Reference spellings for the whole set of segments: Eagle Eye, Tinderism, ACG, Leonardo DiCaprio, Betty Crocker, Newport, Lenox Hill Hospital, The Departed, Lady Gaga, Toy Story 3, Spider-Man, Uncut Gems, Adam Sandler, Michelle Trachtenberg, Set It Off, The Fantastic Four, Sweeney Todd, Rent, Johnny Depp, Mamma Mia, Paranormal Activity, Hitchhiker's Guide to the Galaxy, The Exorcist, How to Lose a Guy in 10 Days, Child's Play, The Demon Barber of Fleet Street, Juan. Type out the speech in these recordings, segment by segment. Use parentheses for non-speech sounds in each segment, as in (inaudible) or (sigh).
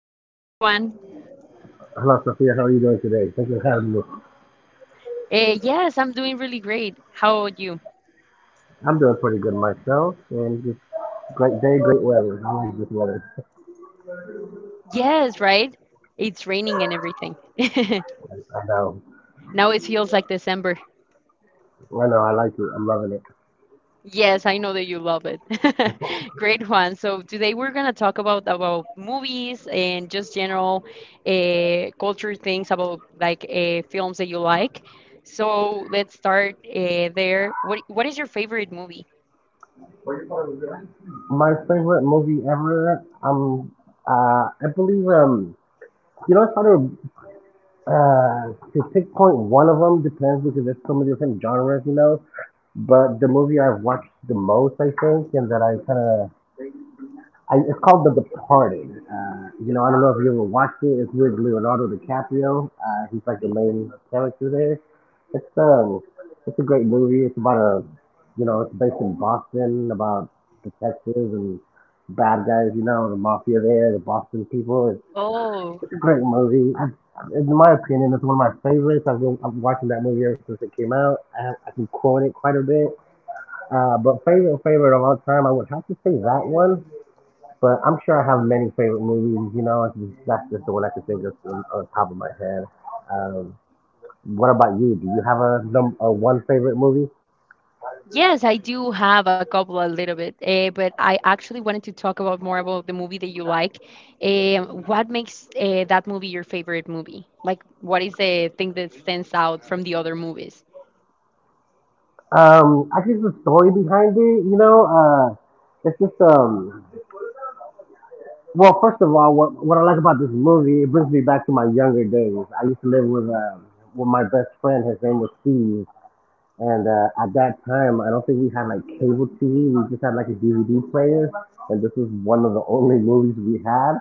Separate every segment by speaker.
Speaker 1: Hi, Juan. Juan.
Speaker 2: Hello, Sophia. How are you doing today? Thank you for having me.
Speaker 1: Yes, I'm doing really great. How about you?
Speaker 2: I'm doing pretty good myself. And just great day, great weather. I like this weather. (laughs)
Speaker 1: Yes, right? It's raining and everything. (laughs)
Speaker 2: I know.
Speaker 1: Now it feels like December.
Speaker 2: I know. I like it. I'm loving it.
Speaker 1: Yes, I know that you love it.
Speaker 2: (laughs)
Speaker 1: (laughs) Great, Juan. So today we're gonna talk about movies and just general culture things about like films that you like. So let's start there. What is your favorite movie?
Speaker 2: My favorite movie ever. I believe. It's hard to pinpoint one of them. Depends because there's so many different genres. You know, but the movie I've watched the most, I think, and that I kind of it's called The Departed. You know, I don't know if you ever watched it. It's with Leonardo DiCaprio. He's like the main character there. It's um, it's a great movie. You know, it's based in Boston about detectives and bad guys. You know, the mafia there, the Boston people. It's,
Speaker 1: Oh,
Speaker 2: it's a great movie. In my opinion, it's one of my favorites. I'm watching that movie ever since it came out. I can quote it quite a bit. But favorite of all time, I would have to say that one. But I'm sure I have many favorite movies. You know, like, that's just the one I can think of on top of my head. Um, what about you? Do you have a num a one favorite movie?
Speaker 1: yes, I do have a couple a little bit, but I actually wanted to talk about more about the movie that you like. What makes that movie your favorite movie? Like, what is the thing that stands out from the other movies?
Speaker 2: I think the story behind it. You know, it's just. Well, first of all, what I like about this movie, it brings me back to my younger days. I used to live with my best friend. His name was Steve. And at that time, I don't think we had like cable TV. We just had like a DVD player, and this was one of the only movies we had.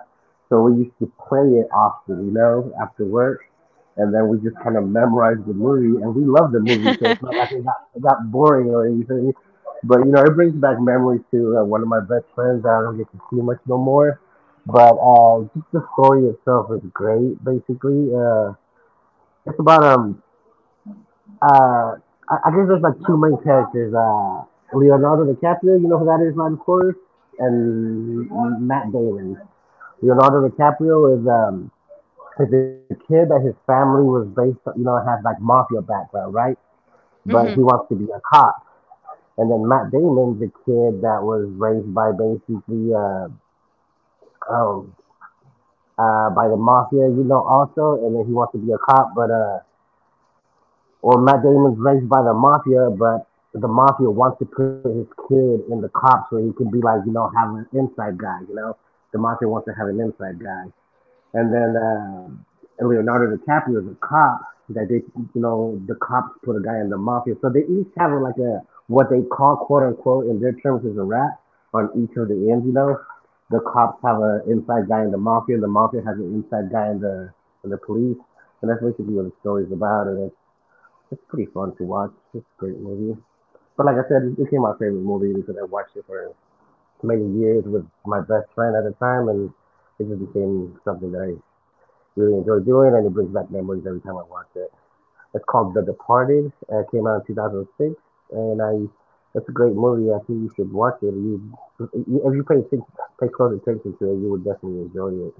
Speaker 2: So we used to play it often, you know, after work, and then we just kind of memorized the movie, and we loved the movie. So it's not
Speaker 1: (laughs)
Speaker 2: like it got boring or anything. But you know, it brings back memories to one of my best friends that I don't get to see much no more. But just the story itself is great. Basically, it's about um uh, I guess there's like two main characters. Leonardo DiCaprio, you know who that is, man, of course, and Matt Damon. Leonardo DiCaprio is a kid that his family was based, on, you know, has like mafia background, right? But he
Speaker 1: Mhm.
Speaker 2: wants to be a cop. And then Matt Damon's a kid that was raised by basically oh, by the mafia, you know, also, and then he wants to be a cop, but well, Matt Damon's raised by the mafia, but the mafia wants to put his kid in the cops so he can be like, you know, have an inside guy, you know? The mafia wants to have an inside guy. And then Leonardo DiCaprio is a cop that they, you know, the cops put a guy in the mafia. So they each have like a, what they call, quote unquote, in their terms is a rat on each of the ends, you know? The cops have an inside guy in the mafia, and the mafia has an inside guy in the police. And that's basically what the story is about. And it's pretty fun to watch. It's a great movie. But like I said, it became my favorite movie because I watched it for many years with my best friend at the time, and it just became something that I really enjoy doing, and it brings back memories every time I watch it. It's called The Departed. It came out in 2006, and I. It's a great movie. I think you should watch it. If you pay close attention to it, you would definitely enjoy it.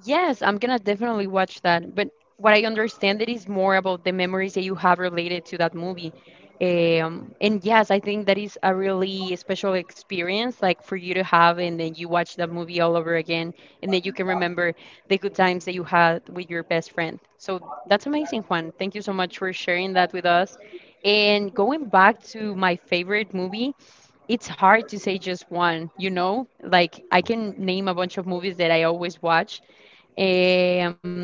Speaker 1: Yes, I'm gonna definitely watch that. But what I understand it is more about the memories that you have related to that movie. And yes, I think that is a really special experience, like for you to have, and then you watch that movie all over again, and then you can remember the good times that you had with your best friend. So that's amazing, Juan. Thank you so much for sharing that with us. And going back to my favorite movie, it's hard to say just one, you know? Like I can name a bunch of movies that I always watch. Um,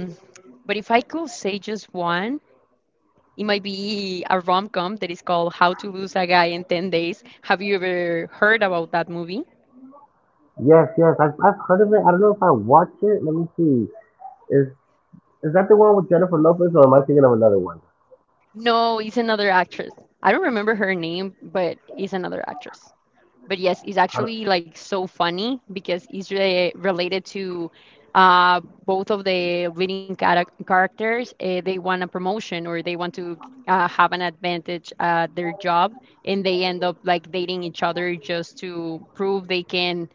Speaker 1: but if I could say just one, it might be a rom-com that is called How to Lose a Guy in 10 Days. Have you ever heard about that movie?
Speaker 2: Yes, I've heard of it. I don't know if I watched it. Let me see. Is is that the one with Jennifer Lopez, or am I thinking of another one?
Speaker 1: No, it's another actress. I don't remember her name, but it's another actress. But yes, it's
Speaker 2: I-
Speaker 1: actually like so funny because it's related to both of the leading characters. They want a promotion or they want to have an advantage at their job, and they end up like dating each other just to prove they can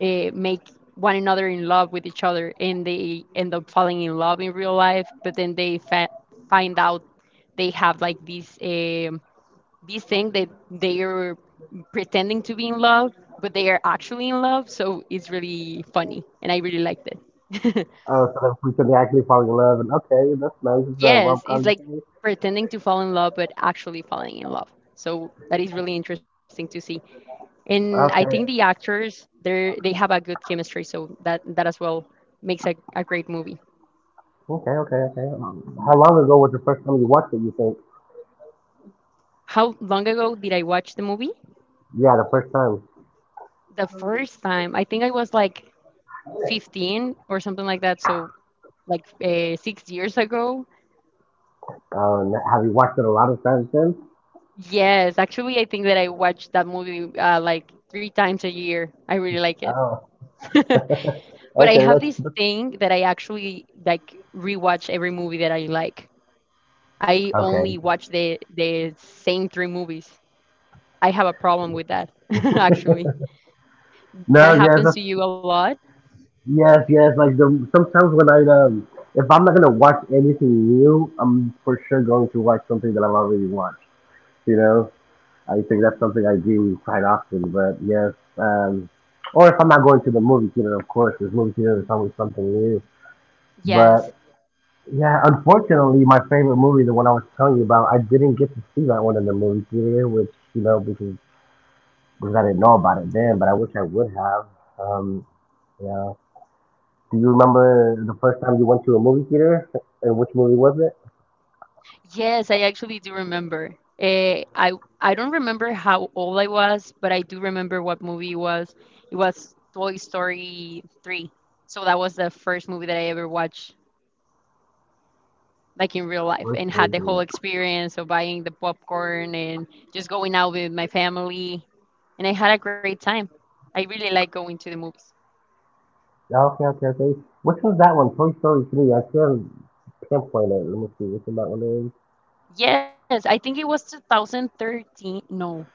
Speaker 1: make one another in love with each other, and they end up falling in love in real life. But then they find out they have like these these things that they are pretending to be in love, but they are actually in love. So it's really funny, and I really liked it.
Speaker 2: Oh, so that we can actually fall in love. And okay, that's nice.
Speaker 1: (laughs)
Speaker 2: It's a rom
Speaker 1: Yes, it's
Speaker 2: com.
Speaker 1: like pretending to fall in love, but actually falling in love. So that is really interesting to see. And I think the
Speaker 2: Okay,
Speaker 1: actors they have a good chemistry. So that as well makes a great movie.
Speaker 2: okay. How long ago was the first time you watched it? You think?
Speaker 1: How long ago did I watch the movie?
Speaker 2: Yeah, the first time.
Speaker 1: The first time, I think I was like 15 or something like that. So like 6 years ago.
Speaker 2: Oh, n have you watched it a lot of times since?
Speaker 1: Yes, actually, I think that I watch that movie like three times a year. I really like it.
Speaker 2: Oh, (laughs)
Speaker 1: (laughs) But I
Speaker 2: okay,
Speaker 1: have this
Speaker 2: that's
Speaker 1: thing that I actually like rewatch every movie that I like. I only
Speaker 2: okay.
Speaker 1: watch the same three movies. I have a problem with that, (laughs) actually.
Speaker 2: No,
Speaker 1: That
Speaker 2: yes,
Speaker 1: happens to you a lot?
Speaker 2: yes, yes. Like the Sometimes when I if I'm not gonna watch anything new, I'm for sure going to watch something that I've already watched. You know? I think that's something I do quite often. But yes, um, or if I'm not going to the movie theater, of course, because movie theater is always something new.
Speaker 1: Yes.
Speaker 2: But yeah, unfortunately, my favorite movie, the one I was telling you about, I didn't get to see that one in the movie theater, which you know because I didn't know about it then. But I wish I would have. Um, yeah. Do you remember the first time you went to a movie theater? (laughs) And which movie was it?
Speaker 1: Yes, I actually do remember. Eh, I I don't remember how old I was, but I do remember what movie it was. It was Toy Story 3. So that was the first movie that I ever watched, like in real life,
Speaker 2: Toy
Speaker 1: and had
Speaker 2: Story
Speaker 1: the whole
Speaker 2: 3.
Speaker 1: experience of buying the popcorn and just going out with my family. And I had a great time. I really like going to the movies.
Speaker 2: Yeah, okay, Which was that one? Toy Story 3. I can't pinpoint it. Let me see which one that one is.
Speaker 1: Yes, I think it was 2013. No,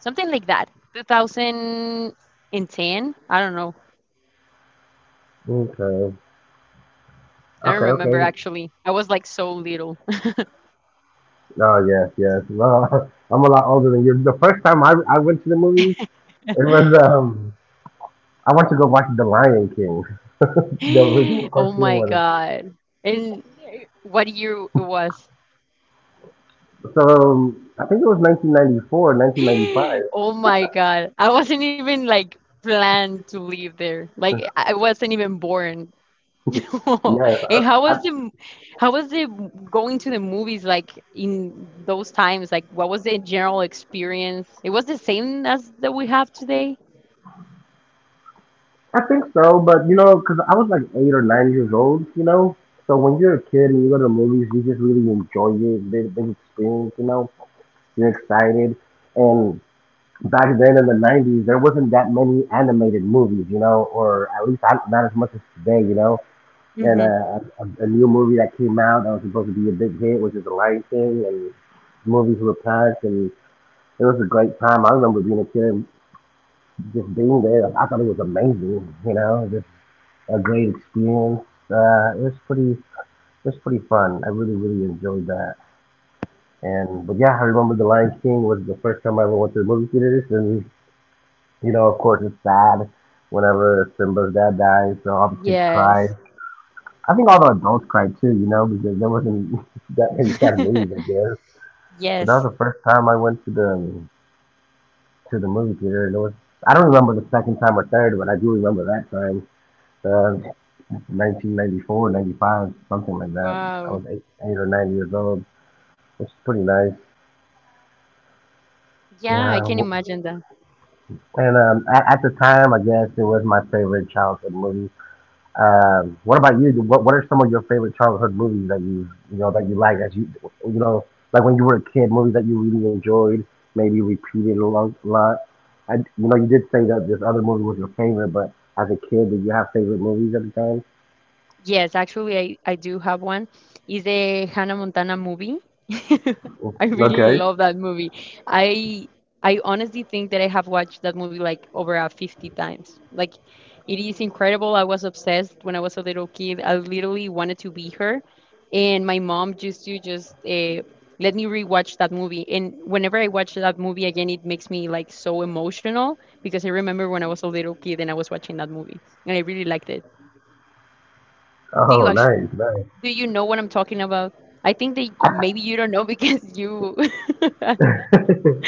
Speaker 1: something like that. 2010. I don't know.
Speaker 2: Okay.
Speaker 1: I
Speaker 2: Okay,
Speaker 1: don't remember
Speaker 2: okay.
Speaker 1: actually. I was like so little.
Speaker 2: Oh yes, yes. Well, (laughs) I'm a lot older than you. The first time I went to the movies, it was
Speaker 1: (laughs)
Speaker 2: I went to go watch The Lion King, (laughs) the original
Speaker 1: Oh
Speaker 2: cartoon
Speaker 1: my
Speaker 2: one.
Speaker 1: God. And What year it was?
Speaker 2: So I think it was 1994,
Speaker 1: (gasps)
Speaker 2: 1995.
Speaker 1: Oh my God. I wasn't even like planned to live there. Like I wasn't even born. (laughs)
Speaker 2: Yes,
Speaker 1: And how
Speaker 2: I
Speaker 1: was the going to the movies like in those times? Like what was the general experience? It was the same as that we have today?
Speaker 2: I think so. But you know, because I was like 8 or 9 years old, you know. So when you're a kid and you go to the movies, you just really enjoy it, the big experience, you know. You're excited, and back then in the '90s, there wasn't that many animated movies, you know, or at least not as much as today, you know. And
Speaker 1: Mm-hmm.
Speaker 2: a new movie that came out that was supposed to be a big hit, which is The Lion King, and movies were packed, and it was a great time. I remember being a kid and just being there. Like, I thought it was amazing, you know, just a great experience. It was pretty fun. I really, really enjoyed that. And but yeah, I remember The Lion King was the first time I ever went to the movie theaters, and you know, of course, it's sad whenever Simba's dad dies, so all the kids cry.
Speaker 1: Yes.
Speaker 2: I think all the adults cried too, you know, because there wasn't (laughs) that many sad movies, I
Speaker 1: (laughs)
Speaker 2: guess. But that
Speaker 1: Yes.
Speaker 2: was the first time I went to the movie theater. And it was I don't remember the second time or third, but I do remember that time. Uh, 1994, 95, something like that. I
Speaker 1: Wow.
Speaker 2: was 8 or 9 years old, which is pretty nice.
Speaker 1: Yeah, I
Speaker 2: Yeah,
Speaker 1: can imagine.
Speaker 2: and at the time, I guess it was my favorite childhood movie. What about you? What are some of your favorite childhood movies that that you like as you you know like when you were a kid, movies that you really enjoyed, maybe repeated a lot. Lot. And you know, you did say that this other movie was your favorite, but as a kid, did you have favorite movies at the time?
Speaker 1: Yes, actually, I do have one. Is the Hannah Montana movie. (laughs) I really
Speaker 2: Okay.
Speaker 1: love that movie. I I honestly think that I have watched that movie like over 50 times. Like it is incredible. I was obsessed when I was a little kid. I literally wanted to be her, and my mom used to just let me rewatch that movie. And whenever I watch that movie again, it makes me like so emotional because I remember when I was a little kid and I was watching that movie, and I really liked it. Do
Speaker 2: Oh,
Speaker 1: you actually?
Speaker 2: nice, nice.
Speaker 1: Do you know what I'm talking about? I think that maybe you don't know because you. (laughs)
Speaker 2: (laughs)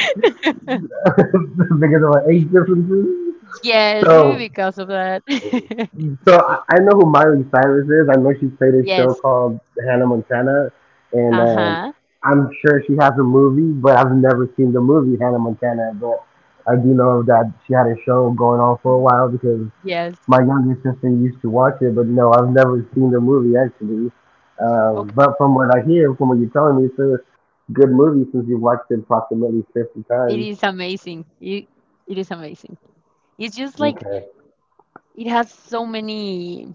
Speaker 2: Because of our age differences.
Speaker 1: Yes, maybe
Speaker 2: So
Speaker 1: because of that. (laughs)
Speaker 2: So I know who Miley Cyrus is. I know she played a show
Speaker 1: Yes.
Speaker 2: called Hannah Montana, and
Speaker 1: Uh-huh.
Speaker 2: I'm sure she has a movie, but I've never seen the movie Hannah Montana. But I do know that she had a show going on for a while because
Speaker 1: Yes.
Speaker 2: my younger sister used to watch it. But no, I've never seen the movie actually.
Speaker 1: Okay.
Speaker 2: But from what I hear, from what you're telling me, it's a good movie since you've watched it approximately 50
Speaker 1: It
Speaker 2: times.
Speaker 1: is amazing. It is amazing. It's just like
Speaker 2: Okay,
Speaker 1: it has so many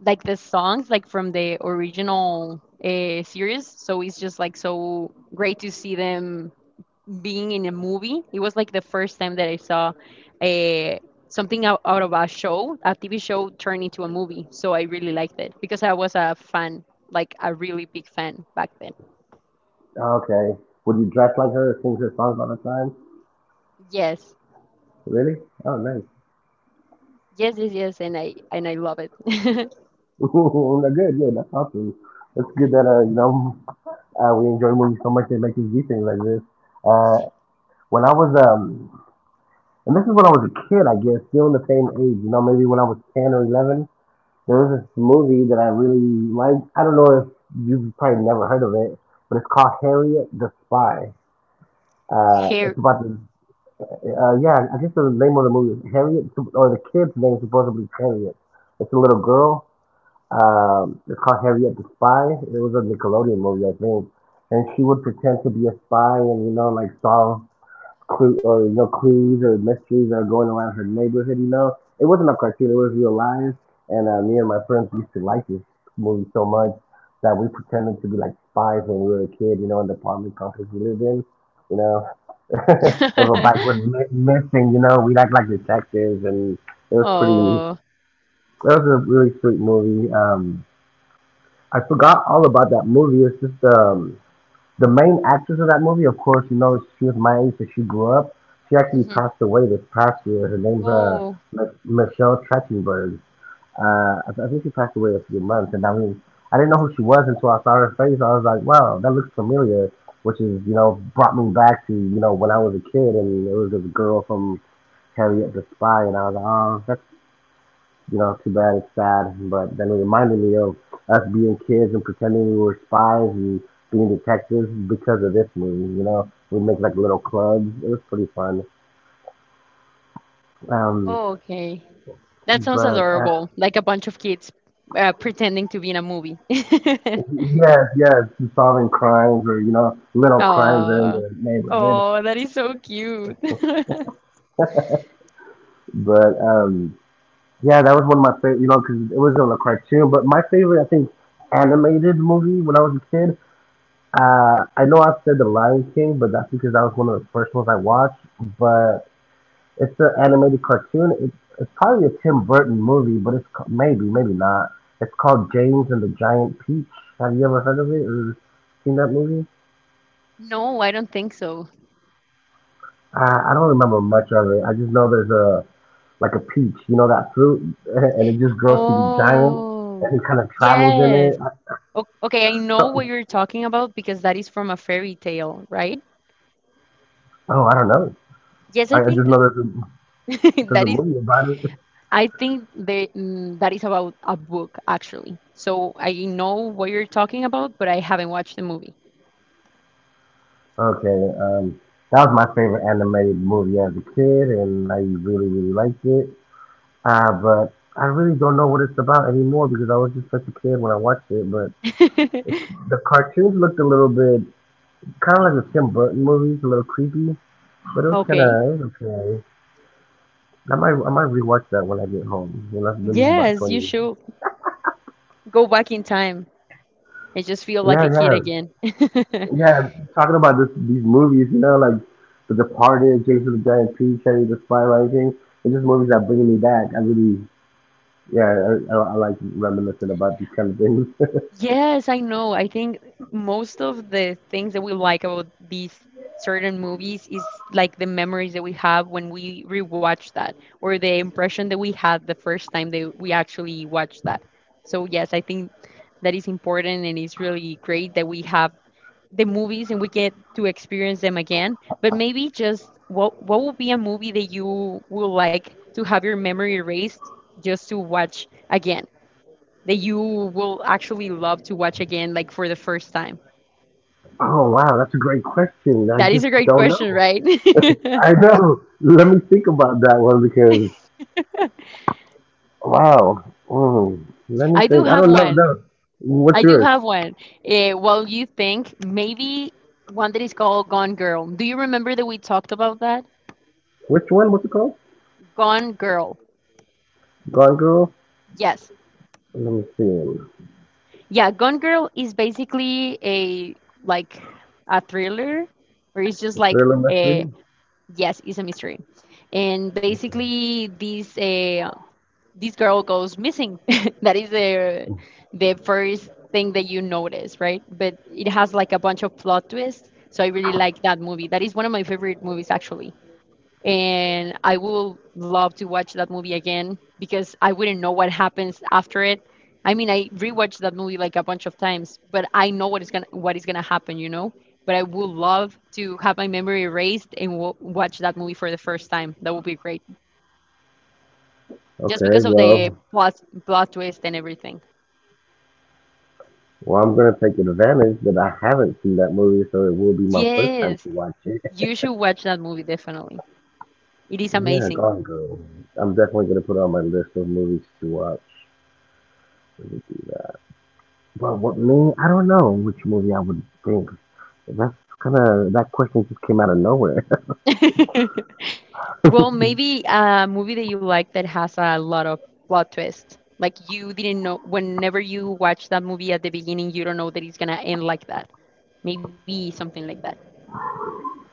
Speaker 1: like the songs like from the original series, so it's just like so great to see them being in a movie. It was like the first time that I saw a something out of a show, a TV show turned into a movie. So I really liked it because I was a fan, like a really big fan back then.
Speaker 2: okay. Would you dress like her, sing her songs all the time?
Speaker 1: Yes.
Speaker 2: Really? Oh, nice.
Speaker 1: Yes, yes, yes, and I love it.
Speaker 2: (laughs) Good, good. That's awesome. That's good that we enjoy movies so much that make us do things like this. Uh, when I was And this is when I was a kid, I guess, still in the same age. You know, maybe when I was 10 or 11, there was this movie that I really liked. I don't know if you've probably never heard of it, but it's called Harriet the Spy.
Speaker 1: (laughs)
Speaker 2: It's
Speaker 1: Hair.
Speaker 2: about the Yeah, I guess the name of the movie is Harriet, or the kid's name is supposedly Harriet. It's a little girl, It's called Harriet the Spy. It was a Nickelodeon movie, I think. And she would pretend to be a spy and, like solve clue or, clues or mysteries that are going around her neighborhood. It wasn't a cartoon, it was real life. And me and my friends used to like this movie so much that we pretended to be like spies when we were a kid, in the apartment complex we lived in, you know. (laughs) If a bike was
Speaker 1: (laughs)
Speaker 2: missing, we'd act like detectives, and it was pretty.
Speaker 1: Oh.
Speaker 2: It was a really sweet movie. I forgot all about that movie. It's just the main actress of that movie. Of course, you know she was my age, so she grew up. She actually
Speaker 1: Mhm.
Speaker 2: passed away this past year. Her name's
Speaker 1: Oh.
Speaker 2: Michelle Trachtenberg. I think she passed away a few months, and I mean, I didn't know who she was until I saw her face. I was like, wow, that looks familiar, which is you know brought me back to when I was a kid, and it was this girl from Harriet the Spy, and I was like, oh, that's you know, too bad it's sad. But then it reminded me of us being kids and pretending we were spies and being detectives because of this movie. You know, we make like little clubs. It was pretty fun. Um,
Speaker 1: Oh, okay. That sounds
Speaker 2: but
Speaker 1: adorable. Like a bunch of kids pretending to be in a movie. (laughs)
Speaker 2: Yes, yes, solving crimes or little crimes in
Speaker 1: Oh.
Speaker 2: the neighborhood.
Speaker 1: Oh, that is so cute. (laughs)
Speaker 2: But yeah, that was one of my favorite. You know, because it was on a cartoon. But my favorite, I think, animated movie when I was a kid. I know I said The Lion King, but that's because that was one of the first ones I watched. But it's an animated cartoon. It's probably a Tim Burton movie, but it's maybe not. It's called James and the Giant Peach. Have you ever heard of it or seen that movie?
Speaker 1: No, I don't think so.
Speaker 2: I don't remember much of it. I just know there's a like a peach, you know that fruit, (laughs) and it just grows to be giant, and
Speaker 1: Oh,
Speaker 2: he kind of travels in it.
Speaker 1: yes. O- okay, I know what
Speaker 2: So,
Speaker 1: you're talking about because that is from a fairy tale, right?
Speaker 2: oh, I don't know.
Speaker 1: Yes,
Speaker 2: I,
Speaker 1: I
Speaker 2: I
Speaker 1: think
Speaker 2: just know there's a
Speaker 1: (laughs) that
Speaker 2: there's a
Speaker 1: is.
Speaker 2: movie about it.
Speaker 1: I think that that is about a book actually. So I know what you're talking about, but I haven't watched the movie.
Speaker 2: Okay, um, that was my favorite animated movie as a kid, and I really liked it. But I really don't know what it's about anymore because I was just such a kid when I watched it. But it,
Speaker 1: (laughs)
Speaker 2: the cartoons looked a little bit kind of like the Tim Burton movies, a little creepy. But it was kind of
Speaker 1: Okay.
Speaker 2: it was okay. I might rewatch that when I get home. You know, that's been about
Speaker 1: Yes,
Speaker 2: twenty.
Speaker 1: you
Speaker 2: years.
Speaker 1: should go back in time and just feel like a
Speaker 2: Yeah,
Speaker 1: kid
Speaker 2: yeah,
Speaker 1: again. (laughs)
Speaker 2: yeah. Talking about this these movies, like The Departed, James of the Giant Peach, Harry the Spy Rising. They're just movies that bring me back. I really, yeah, I like reminiscing about these kind of things.
Speaker 1: Yes, I know. I think most of the things that we like about these certain movies is like the memories that we have when we rewatch that, or the impression that we had the first time that we actually watched that. So, yes, I think that is important and it's really great that we have the movies and we get to experience them again. But maybe just what would be a movie that you would like to have your memory erased just to watch again? That you will actually love to watch again, like for the first time?
Speaker 2: Oh wow, that's a great question. I
Speaker 1: That is
Speaker 2: just
Speaker 1: a great
Speaker 2: don't
Speaker 1: question,
Speaker 2: know.
Speaker 1: right? (laughs)
Speaker 2: (laughs) I know. Let me think about that one because wow. Let me
Speaker 1: I do
Speaker 2: think. I
Speaker 1: have
Speaker 2: don't know.
Speaker 1: one.
Speaker 2: No.
Speaker 1: I
Speaker 2: What's
Speaker 1: do
Speaker 2: yours?
Speaker 1: have one. Well, you think maybe one that is called Gone Girl. Do you remember that we talked about that?
Speaker 2: Which one? What's it called?
Speaker 1: Gone Girl.
Speaker 2: Gone Girl.
Speaker 1: Yes.
Speaker 2: Let me see.
Speaker 1: Yeah, Gone Girl is basically a like a thriller, or it's just like
Speaker 2: Thriller
Speaker 1: a
Speaker 2: mystery.
Speaker 1: yes, it's a mystery, and
Speaker 2: Okay.
Speaker 1: basically this girl goes missing. (laughs) That is the first thing that you notice, right? But it has like a bunch of plot twists. So I really like that movie. That is one of my favorite movies actually. And I will love to watch that movie again because I wouldn't know what happens after it. I mean, I rewatched that movie like a bunch of times, but I know what is gonna happen, you know. But I would love to have my memory erased and watch that movie for the first time. That would be great just
Speaker 2: Okay.
Speaker 1: because of the
Speaker 2: Well,
Speaker 1: plot twist and everything.
Speaker 2: well, I'm gonna take advantage that I haven't seen that movie, so it will be my first time
Speaker 1: Yes,
Speaker 2: to watch it. (laughs)
Speaker 1: you should watch that movie definitely. It is
Speaker 2: Yeah,
Speaker 1: amazing.
Speaker 2: Gone Girl. I'm definitely gonna put it on my list of movies to watch. But what me? I don't know which movie I would think. That's kind of that question just came out of nowhere.
Speaker 1: (laughs) Well, maybe a movie that you like that has a lot of plot twist. Like you didn't know whenever you watch that movie at the beginning, you don't know that it's gonna end like that. Maybe something like that.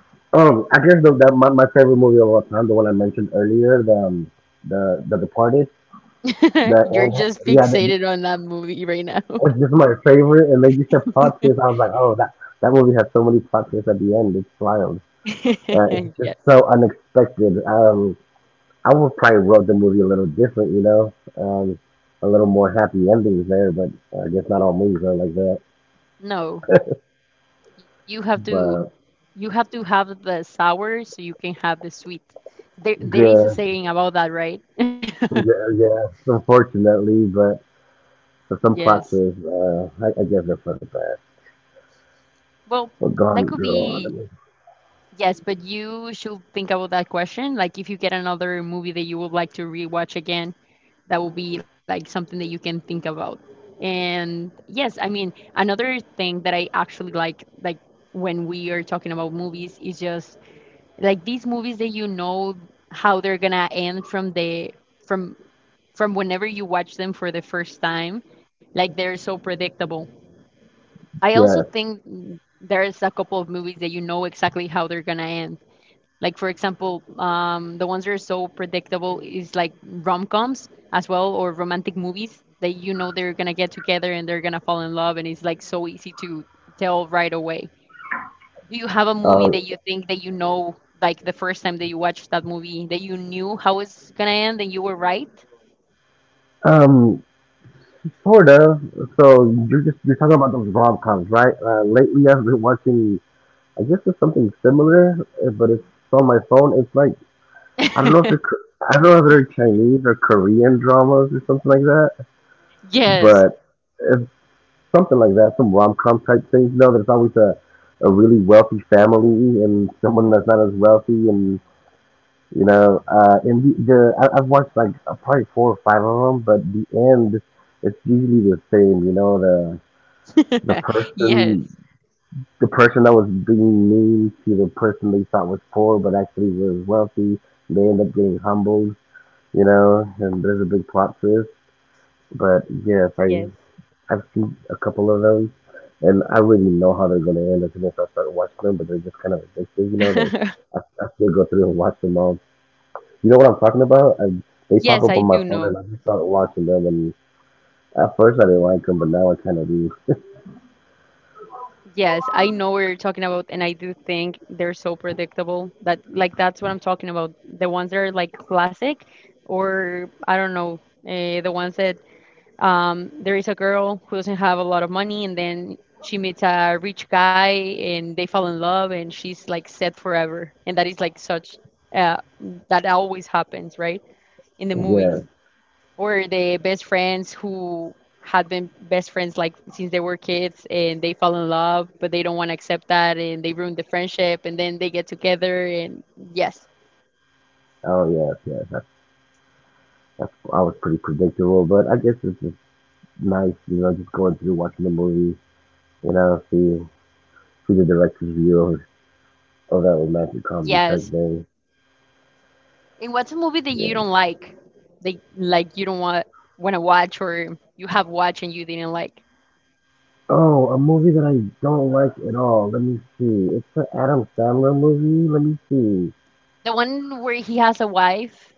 Speaker 2: (laughs) I guess the, that my favorite movie of all time, the one I mentioned earlier, the Departed, the
Speaker 1: (laughs) You're
Speaker 2: and
Speaker 1: just
Speaker 2: yeah,
Speaker 1: fixated on that movie right now.
Speaker 2: it's just my favorite. And then you said plot twist, I was like, oh, that movie has so many plot twists at the end. It's wild.
Speaker 1: (laughs)
Speaker 2: It's just
Speaker 1: Yes.
Speaker 2: so unexpected. I would probably wrote the movie a little different, you know, um, a little more happy endings there. But I guess not all movies are like that.
Speaker 1: No. You have to
Speaker 2: But
Speaker 1: you have to have the sour so you can have the sweet. There is a
Speaker 2: yeah,
Speaker 1: saying about that, right? (laughs)
Speaker 2: yeah, yeah. Unfortunately, but so some plots
Speaker 1: Yes.
Speaker 2: are, I guess they're for the best.
Speaker 1: Well,
Speaker 2: But
Speaker 1: that
Speaker 2: Gone
Speaker 1: could
Speaker 2: Girl on
Speaker 1: be
Speaker 2: me.
Speaker 1: yes, but you should think about that question. Like if you get another movie that you would like to rewatch again, that will be like something that you can think about. And yes, I mean, another thing that I actually like when we are talking about movies is just like these movies that you know how they're gonna end from from whenever you watch them for the first time, like they're so predictable. I also
Speaker 2: Yes.
Speaker 1: think there's a couple of movies that you know exactly how they're gonna end, like for example the ones that are so predictable is like rom-coms as well, or romantic movies that you know they're gonna get together and they're gonna fall in love, and it's like so easy to tell right away. Do you have a movie
Speaker 2: Uh,
Speaker 1: that you think that the first time that you watched that movie, that you knew how it's gonna end and you were right?
Speaker 2: um, sort of. So you're talking about those rom coms, right? Lately I've been watching. I guess it's something similar, but it's on my phone. It's like I don't know if they're
Speaker 1: (laughs)
Speaker 2: I don't know if they're Chinese or Korean dramas or something like that,
Speaker 1: Yes.
Speaker 2: but it's something like that. Some rom com type things. You know, there's always a really wealthy family and someone that's not as wealthy and you know, and the I've watched like probably four or five of them, but the end it's usually the same. You know, the
Speaker 1: (laughs)
Speaker 2: person
Speaker 1: Yes.
Speaker 2: the person that was being mean to the person they thought was poor but actually was wealthy, they end up getting humbled. You know, and there's a big plot twist. But yes,
Speaker 1: Yes.
Speaker 2: I've seen a couple of those, and I already know how they're gonna end as soon as I start watching them. But they're just kind of addictive, you know. They
Speaker 1: (laughs)
Speaker 2: I, I still go through and watch them all. You know what I'm talking about? They pop
Speaker 1: Yes,
Speaker 2: up
Speaker 1: I
Speaker 2: on my
Speaker 1: do
Speaker 2: phone
Speaker 1: know.
Speaker 2: and I just start watching them. And at first I didn't like them, but now I kind of do.
Speaker 1: Yes, I know what you're talking about, and I do think they're so predictable that, like, that's what I'm talking about. The ones that are like classic, or I don't know, the ones that, there is a girl who doesn't have a lot of money, and then she meets a rich guy, and they fall in love, and she's like set forever. And that is like such, uh, that always happens, right? In the movies,
Speaker 2: Yes.
Speaker 1: or the best friends who had been best friends like since they were kids, and they fall in love, but they don't want to accept that, and they ruin the friendship, and then they get together, and yes,
Speaker 2: Oh yes, yes. That's, I was pretty predictable, but I guess it's just nice, you know, just going through watching the movie, you know, see the director's view of oh that romantic comedy type
Speaker 1: yes.
Speaker 2: thing.
Speaker 1: And what's a movie that you
Speaker 2: Yeah.
Speaker 1: don't like? That, like, you don't want to watch, or you have watched and you didn't like?
Speaker 2: Oh, a movie that I don't like at all. Let me see. It's the Adam Sandler movie. Let me see.
Speaker 1: The one where he has a wife.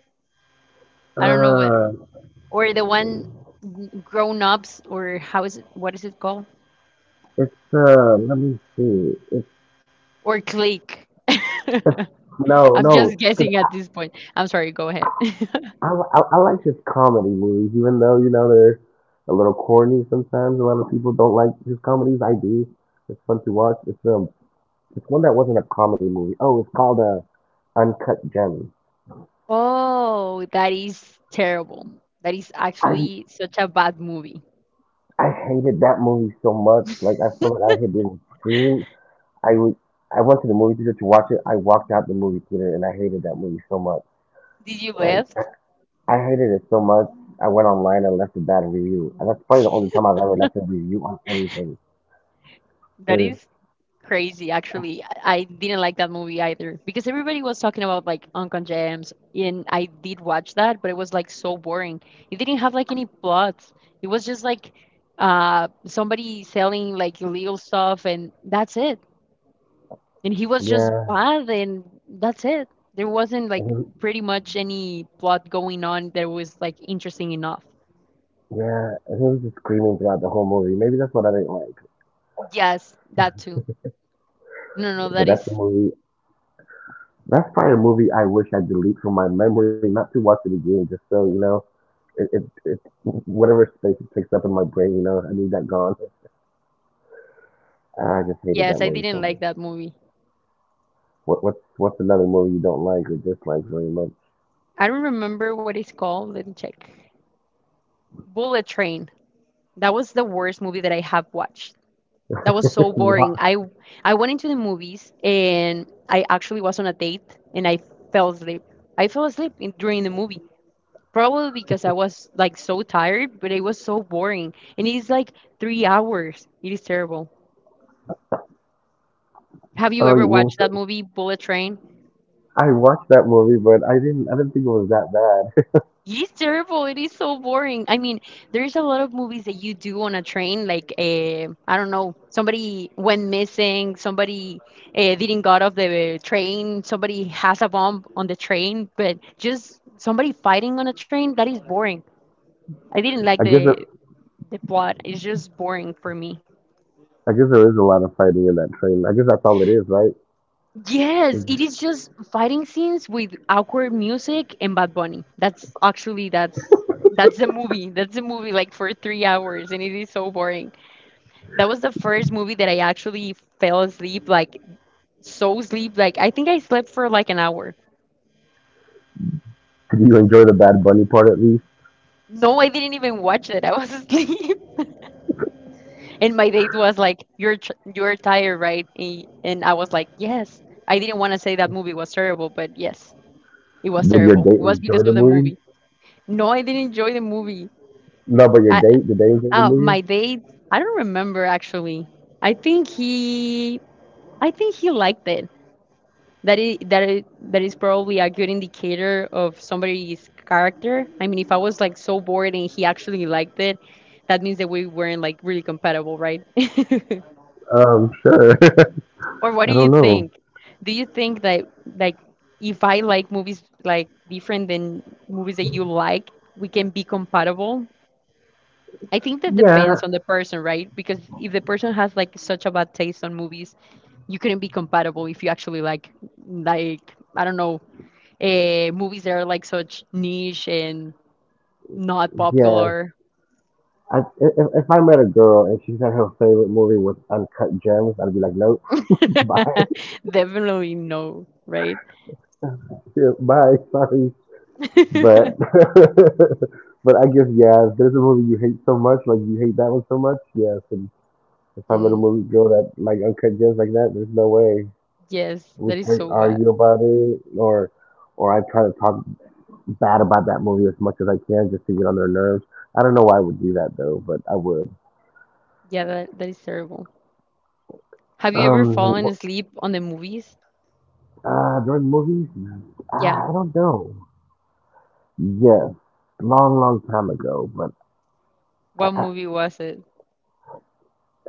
Speaker 1: I don't know what,
Speaker 2: Uh,
Speaker 1: or the one, grown ups, or how is it, what is it called?
Speaker 2: it's let me see. It's
Speaker 1: Or click. (laughs)
Speaker 2: no,
Speaker 1: I'm
Speaker 2: no.
Speaker 1: just guessing at this point. I'm sorry, go ahead.
Speaker 2: I like his comedy movies, even though you know they're a little corny sometimes. A lot of people don't like his comedies. I do. It's fun to watch. It's one that wasn't a comedy movie. Oh, it's called Uncut Gems.
Speaker 1: (laughs) Oh, that is terrible. That is
Speaker 2: I
Speaker 1: actually such a bad movie.
Speaker 2: I hated that movie so much. Like I felt like I had been screamed. I would. I went to the movie theater to watch it. I walked out the movie theater and I hated that movie so much.
Speaker 1: Did you
Speaker 2: Like
Speaker 1: left?
Speaker 2: I hated it so much. I went online and left a bad review. And that's probably the only time I've ever left a review on anything.
Speaker 1: That
Speaker 2: Is
Speaker 1: is crazy actually. I didn't like that movie either, because everybody was talking about like Uncle James, and I did watch that, but it was like so boring. It didn't have like any plots. It was just like uh, somebody selling like illegal stuff, and that's it. And he was just
Speaker 2: Yeah,
Speaker 1: bad, and that's it. There wasn't like
Speaker 2: and
Speaker 1: pretty much any plot going on that was like interesting enough.
Speaker 2: he was just screaming throughout the whole movie. Maybe that's what I didn't like.
Speaker 1: Yes, that too. No, no, no,
Speaker 2: But
Speaker 1: that
Speaker 2: that's the
Speaker 1: is,
Speaker 2: movie. That's probably a movie I wish I delete from my memory, not to watch it again, just so you know, it whatever space it takes up in my brain, you know, I need that gone. I just hated that
Speaker 1: yes, I
Speaker 2: movie so
Speaker 1: didn't
Speaker 2: much.
Speaker 1: like that movie.
Speaker 2: What's another movie you don't like or dislike very much?
Speaker 1: I don't remember what it's called. Let me check. Bullet Train. That was the worst movie that I have watched. That was so
Speaker 2: (laughs)
Speaker 1: boring.
Speaker 2: Wa-
Speaker 1: I went into the movies and I actually was on a date and I fell asleep. I fell asleep in, during the movie. Probably because I was like so tired, but it was so boring. And it's like 3 hours. It is terrible. Have you
Speaker 2: oh, you
Speaker 1: ever
Speaker 2: won't-
Speaker 1: watched that movie, Bullet Train?
Speaker 2: I watched that movie, but I didn't. I didn't think it was that bad.
Speaker 1: It is terrible. It is so boring. I mean, there's a lot of movies that you do on a train, like I don't know, somebody went missing, somebody didn't got off the train, somebody has a bomb on the train, but just somebody fighting on a train, that is boring. I didn't like
Speaker 2: (laughs) I guess
Speaker 1: the
Speaker 2: it,
Speaker 1: the plot. It's just boring for me.
Speaker 2: I guess there is a lot of fighting in that train. I guess that's all it is, right?
Speaker 1: Yes, it is just fighting scenes with awkward music and Bad Bunny. That's actually that's the movie. That's the movie like for 3 hours and it is so boring. That was the first movie that I actually fell asleep, like so asleep. Like I think I slept for like an hour.
Speaker 2: Did you enjoy the Bad Bunny part at least?
Speaker 1: No, I didn't even watch it. I was (laughs) asleep. And my date was like, "You're tr- you're tired, right?" A- And I was like, "Yes." I didn't want to say that movie was terrible, but yes, it was
Speaker 2: Did your
Speaker 1: terrible.
Speaker 2: date
Speaker 1: It was because
Speaker 2: enjoy the
Speaker 1: of the
Speaker 2: movie?
Speaker 1: movie. No, I didn't enjoy the movie.
Speaker 2: No, but your
Speaker 1: I,
Speaker 2: date, did they enjoy the movie?
Speaker 1: my date, I don't remember actually. I think he I think he liked it. That is that is probably a good indicator of somebody's character. I mean, if I was like so bored and he actually liked it, that means that we weren't like really compatible, right? (laughs)
Speaker 2: Sure. (laughs)
Speaker 1: Or what
Speaker 2: I
Speaker 1: do you
Speaker 2: don't know.
Speaker 1: think? Do you think that like if I like movies like different than movies that you like, we can be compatible? I think that
Speaker 2: Yeah,
Speaker 1: depends on the person, right? Because if the person has like such a bad taste on movies, you couldn't be compatible if you actually like I don't know, movies that are like such niche and not
Speaker 2: yeah.
Speaker 1: popular.
Speaker 2: I, if I met a girl and she said her favorite movie was Uncut Gems, I'd be like, nope, bye,
Speaker 1: (laughs) Definitely no, right?
Speaker 2: (laughs) bye, sorry. But
Speaker 1: (laughs)
Speaker 2: (laughs) but I guess yeah, if there's a movie you hate so much, like you hate that one so much, yes. And if I met a
Speaker 1: Mm,
Speaker 2: movie girl that like Uncut Gems like that, there's no way
Speaker 1: yes,
Speaker 2: we
Speaker 1: that is
Speaker 2: can
Speaker 1: so
Speaker 2: argue
Speaker 1: bad.
Speaker 2: about it, or I try to talk bad about that movie as much as I can just to get on their nerves. I don't know why I would do that though, but I would.
Speaker 1: Yeah, that is terrible. Have you ever
Speaker 2: Um,
Speaker 1: fallen
Speaker 2: what,
Speaker 1: asleep on the movies?
Speaker 2: during movies,
Speaker 1: Yeah.
Speaker 2: I don't know. Yes, long, long time ago, but I,
Speaker 1: What
Speaker 2: I,
Speaker 1: movie was it?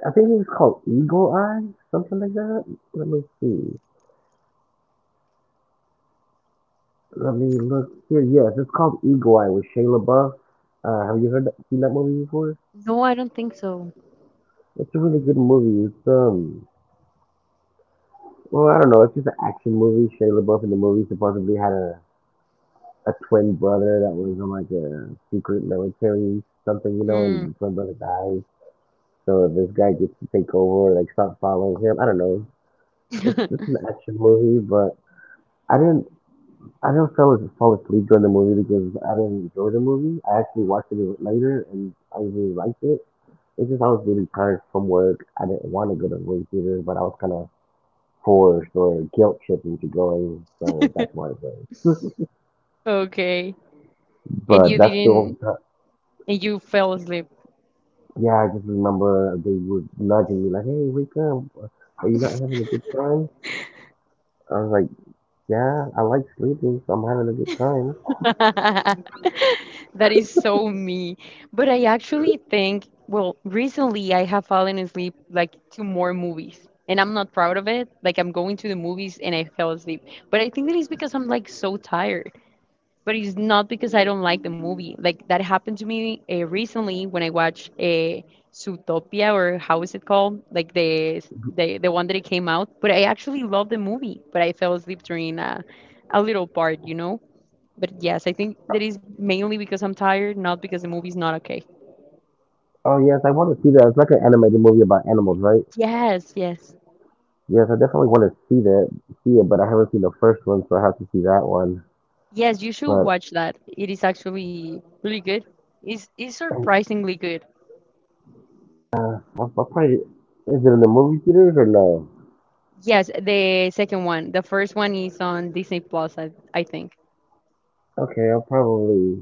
Speaker 2: I think it was called Eagle Eye, something like that. Let me see. Let me look here. Yes, it's called Eagle Eye with Shia LaBeouf. Have you heard that, seen that movie before?
Speaker 1: No, I don't think so.
Speaker 2: It's a really good movie. It's Well, I don't know. It's just an action movie. Shia LaBeouf in the movie supposedly had a twin brother that was in like a secret military something, you know, and
Speaker 1: Mm.
Speaker 2: the twin brother dies. So this guy gets to take over, or like stop following him. I don't know. It's
Speaker 1: (laughs)
Speaker 2: an action movie, but I didn't. I do not feel as fall asleep during the movie because I didn't enjoy the movie. I actually watched it later and I really liked it. It's just I was really tired from work. I didn't want to go to the movie theater, but I was kind of forced or guilt tripping to going, so that's why I was there.
Speaker 1: Okay. And you
Speaker 2: But that's the only
Speaker 1: didn't,
Speaker 2: time.
Speaker 1: and you fell asleep.
Speaker 2: Yeah, I just remember they would nudging me like, "Hey, wake up! Are you not having a good time?" I was like, "Yeah, I like sleeping, so I'm having a good time."
Speaker 1: (laughs) That is so me. But I actually think, well, recently I have fallen asleep like to more movies, and I'm not proud of it. Like I'm going to the movies and I fell asleep. But I think that it's because I'm like so tired. But it's not because I don't like the movie. Like that happened to me recently when I watched a Zootopia, or how is it called? Like the one that it came out. But I actually loved the movie, but I fell asleep during a little part, you know? But yes, I think that is mainly because I'm tired, not because the movie's not okay.
Speaker 2: Oh yes, I want to see that. It's like an animated movie about animals, right?
Speaker 1: Yes, yes.
Speaker 2: Yes, I definitely want to see that, see it, but I haven't seen the first one, so I have to see that one.
Speaker 1: Yes, you should
Speaker 2: But
Speaker 1: watch that. It is actually really good. It's surprisingly good.
Speaker 2: I'll probably is it in the movie theaters or no?
Speaker 1: Yes, the second one. The first one is on Disney Plus, I think.
Speaker 2: Okay, I'll probably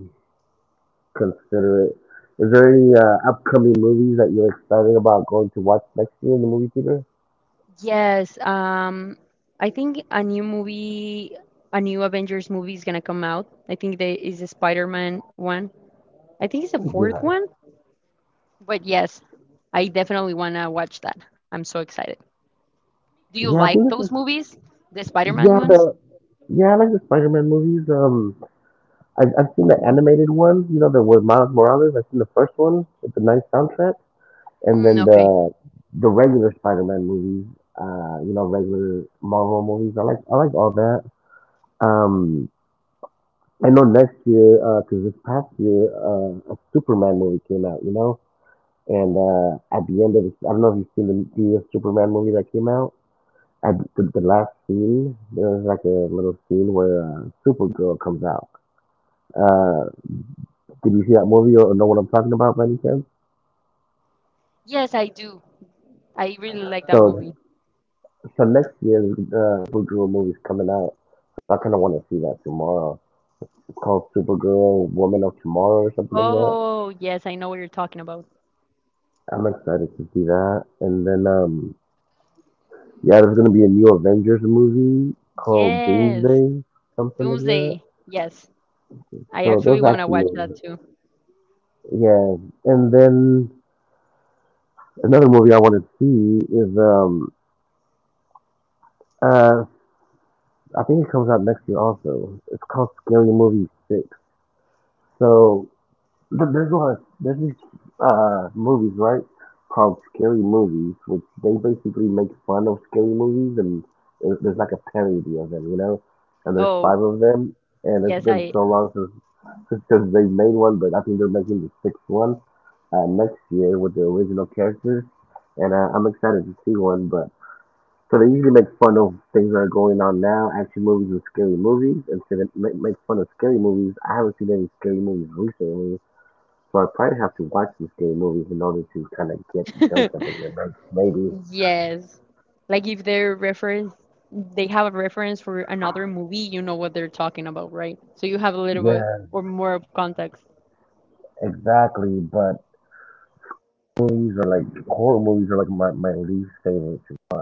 Speaker 2: consider it. Is there any upcoming movies that you're excited about going to watch next year in the movie theater?
Speaker 1: Yes, I think a new movie, a new Avengers movie is gonna come out. I think there is a Spider-Man one. I think it's the fourth
Speaker 2: Yeah,
Speaker 1: one. But yes, I definitely wanna watch that. I'm so excited. Do you
Speaker 2: yeah. I
Speaker 1: like
Speaker 2: think
Speaker 1: those
Speaker 2: this is
Speaker 1: movies, the Spider-Man
Speaker 2: yeah
Speaker 1: ones?
Speaker 2: the yeah I like the Spider-Man movies. I've seen the animated ones. You know, the with Miles Morales. I've seen the first one with the nice soundtrack, and
Speaker 1: Mm,
Speaker 2: then
Speaker 1: okay.
Speaker 2: the regular Spider-Man movies. You know, regular Marvel movies. I like all that. Um, I know next year, because this past year, a Superman movie came out. You know, and at the end of I don't know if you've seen the Superman movie that came out. At the last scene, there was like a little scene where Supergirl comes out. Uh, did you see that movie or know what I'm talking about by any chance?
Speaker 1: Yes, I do. I really like that
Speaker 2: So,
Speaker 1: movie.
Speaker 2: so next year, the Supergirl movie's coming out. So I kind of want to see that tomorrow. It's called Supergirl Woman of Tomorrow or something like that.
Speaker 1: Oh, yes, I know what you're talking about.
Speaker 2: I'm excited to see that. And then, yeah, there's going to be a new Avengers movie called
Speaker 1: Yes,
Speaker 2: Doomsday, something like that.
Speaker 1: Doomsday. Yes, I
Speaker 2: So
Speaker 1: actually
Speaker 2: those
Speaker 1: want to
Speaker 2: action
Speaker 1: watch that
Speaker 2: movies.
Speaker 1: too.
Speaker 2: Yeah. And then another movie I want to see is uh I think it comes out next year also. It's called Scary Movie Six. So there's a lot of there's these movies right called scary movies, which they basically make fun of scary movies, and there's like a parody of them, you know. And there's
Speaker 1: Oh,
Speaker 2: five of them, and it's
Speaker 1: yes,
Speaker 2: been
Speaker 1: I.
Speaker 2: so long since since they made one, but I think they're making the sixth one next year with the original characters, and I'm excited to see one, but. So they usually make fun of things that are going on now, action movies and scary movies. And so they make fun of scary movies. I haven't seen any scary movies recently, so I probably have to watch some scary movies in order to kind of get the jokes that
Speaker 1: (laughs)
Speaker 2: they're gonna make. Maybe.
Speaker 1: Yes. Like if they're reference, they have a reference for another movie, you know what they're talking about, right? So you have a little bit
Speaker 2: Yeah,
Speaker 1: or more of context.
Speaker 2: exactly. But movies are like horror movies are like my least favorite to watch.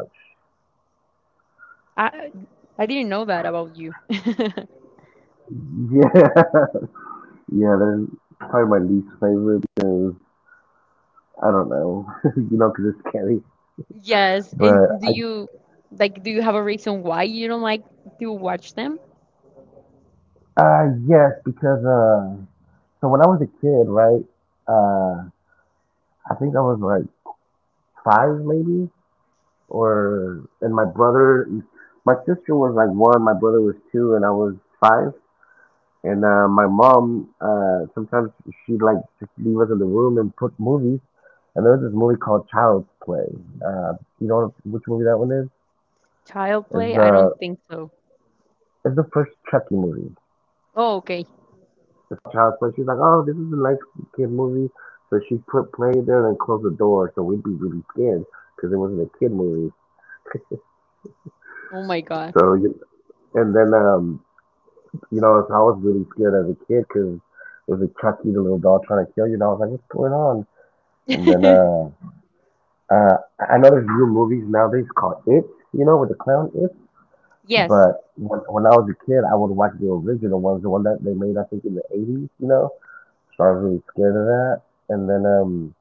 Speaker 1: I I didn't know that about you. (laughs)
Speaker 2: Yeah, (laughs) yeah, they're probably my least favorite because I don't know, (laughs) you know, because it's scary.
Speaker 1: Yes, and
Speaker 2: But
Speaker 1: do you like, do you have a reason why you don't like to watch them?
Speaker 2: yes, because so when I was a kid, right, uh, I think I was like five maybe, or and my brother, my sister was like one, my brother was two, and I was five. And my mom, sometimes she'd like just leave us in the room and put movies. And there was this movie called Child's Play. Uh, you know which movie that one is?
Speaker 1: Child
Speaker 2: It's
Speaker 1: play? I
Speaker 2: uh,
Speaker 1: don't think so.
Speaker 2: it's the first Chucky movie.
Speaker 1: Oh, okay.
Speaker 2: The Child's Play. She's like, oh, this is a nice kid movie. So she put play there and closed the door. So we'd be really scared because it wasn't a kid movie.
Speaker 1: Oh my God.
Speaker 2: So and then you know, so I was really scared as a kid because it was a Chucky, the little doll trying to kill you. And I was like, what's going on? And then
Speaker 1: (laughs)
Speaker 2: uh, I know there's new movies nowadays called It, you know, with the clown It.
Speaker 1: Yes.
Speaker 2: But when I was a kid, I would watch the original ones, the one that they made, I think, in the 80s, you know. So I was really scared of that. And then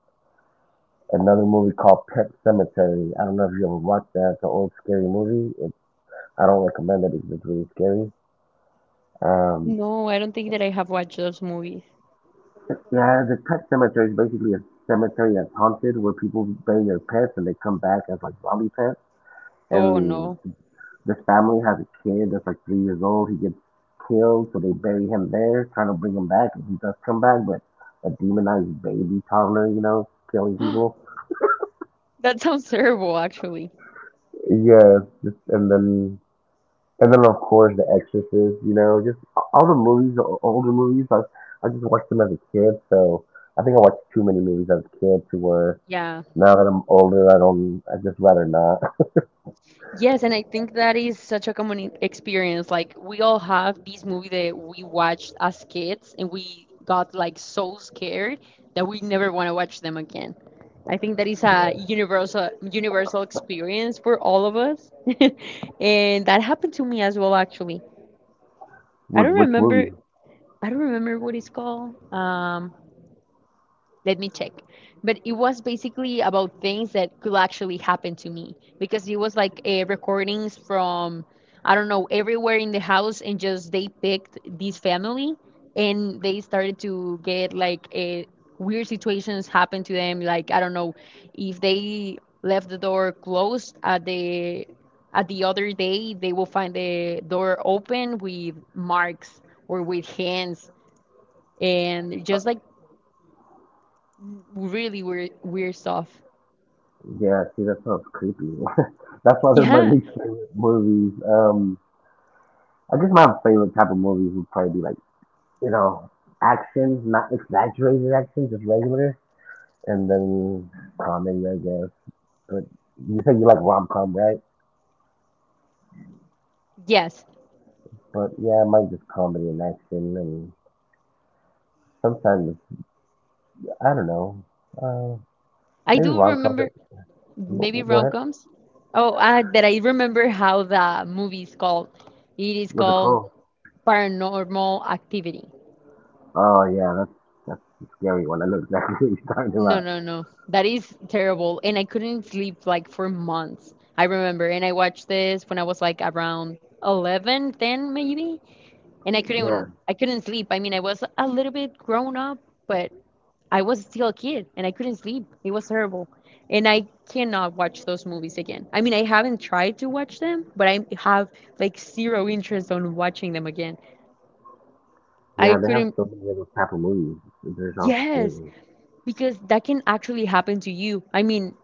Speaker 2: another movie called Pet Cemetery. I don't know if you ever watched that. It's an old scary movie. It, I don't recommend it because it's really scary. Um,
Speaker 1: No, I don't think that I have watched those movies.
Speaker 2: yeah, the Pet Cemetery is basically a cemetery that's haunted where people bury their pets and they come back as like zombie pets.
Speaker 1: Oh
Speaker 2: And
Speaker 1: no.
Speaker 2: this family has a kid that's like 3 years old. He gets killed, so they bury him there, trying to bring him back, and he does come back, but a demonized baby toddler, you know, killing people.
Speaker 1: (gasps) That sounds terrible, actually.
Speaker 2: Yeah, just, and then and then of course The Exorcist, you know, just all the movies, the older movies. I just watched them as a kid, so I think I watched too many movies as a kid to where
Speaker 1: Yeah.
Speaker 2: now that I'm older, I don't. I just rather not. (laughs)
Speaker 1: Yes, and I think that is such a common e- experience. Like we all have this movie that we watched as kids and we got like so scared that we never want to watch them again. I think that is a
Speaker 2: Yeah.
Speaker 1: universal experience for all of us. (laughs) And that happened to me as well actually. I
Speaker 2: With
Speaker 1: don't
Speaker 2: which
Speaker 1: remember
Speaker 2: movie?
Speaker 1: I don't remember what it's called. Let me check, but it was basically about things that could actually happen to me because it was like recordings from, I don't know, everywhere in the house, and just they picked this family, and they started to get like a, weird situations happen to them, like I don't know, if they left the door closed, at the other day they will find the door open with marks or with hands, and just like really weird stuff.
Speaker 2: Yeah. See, that sounds creepy. (laughs) That's why they're my
Speaker 1: Yeah.
Speaker 2: least favorite movies. I guess my favorite type of movies would probably be like you know action, not exaggerated action, just regular, and then comedy, I guess. But you said you like rom com, right?
Speaker 1: Yes.
Speaker 2: But yeah, I might just comedy and action, and sometimes I don't know, uh,
Speaker 1: I
Speaker 2: maybe
Speaker 1: do
Speaker 2: rom coms.
Speaker 1: remember maybe
Speaker 2: Go ahead.
Speaker 1: rom-coms. Oh, that I remember how the movie is called. It is
Speaker 2: What's it
Speaker 1: called
Speaker 2: called?
Speaker 1: Paranormal Activity.
Speaker 2: Oh yeah, that's a scary one. I know exactly (laughs) what you're talking
Speaker 1: No,
Speaker 2: about.
Speaker 1: no, no. That is terrible. And I couldn't sleep like for months, I remember. And I watched this when I was like around 11, 10 maybe. And I
Speaker 2: Yeah,
Speaker 1: couldn't I couldn't sleep. I mean, I was a little bit grown up, but I was still a kid and I couldn't sleep. It was terrible. And I cannot watch those movies again. I mean, I haven't tried to watch them, but I have like zero interest on watching them again. I
Speaker 2: yeah, they have
Speaker 1: couldn't,
Speaker 2: so many other type of movies. They're all
Speaker 1: yes,
Speaker 2: scary.
Speaker 1: because that can actually happen to you. I mean,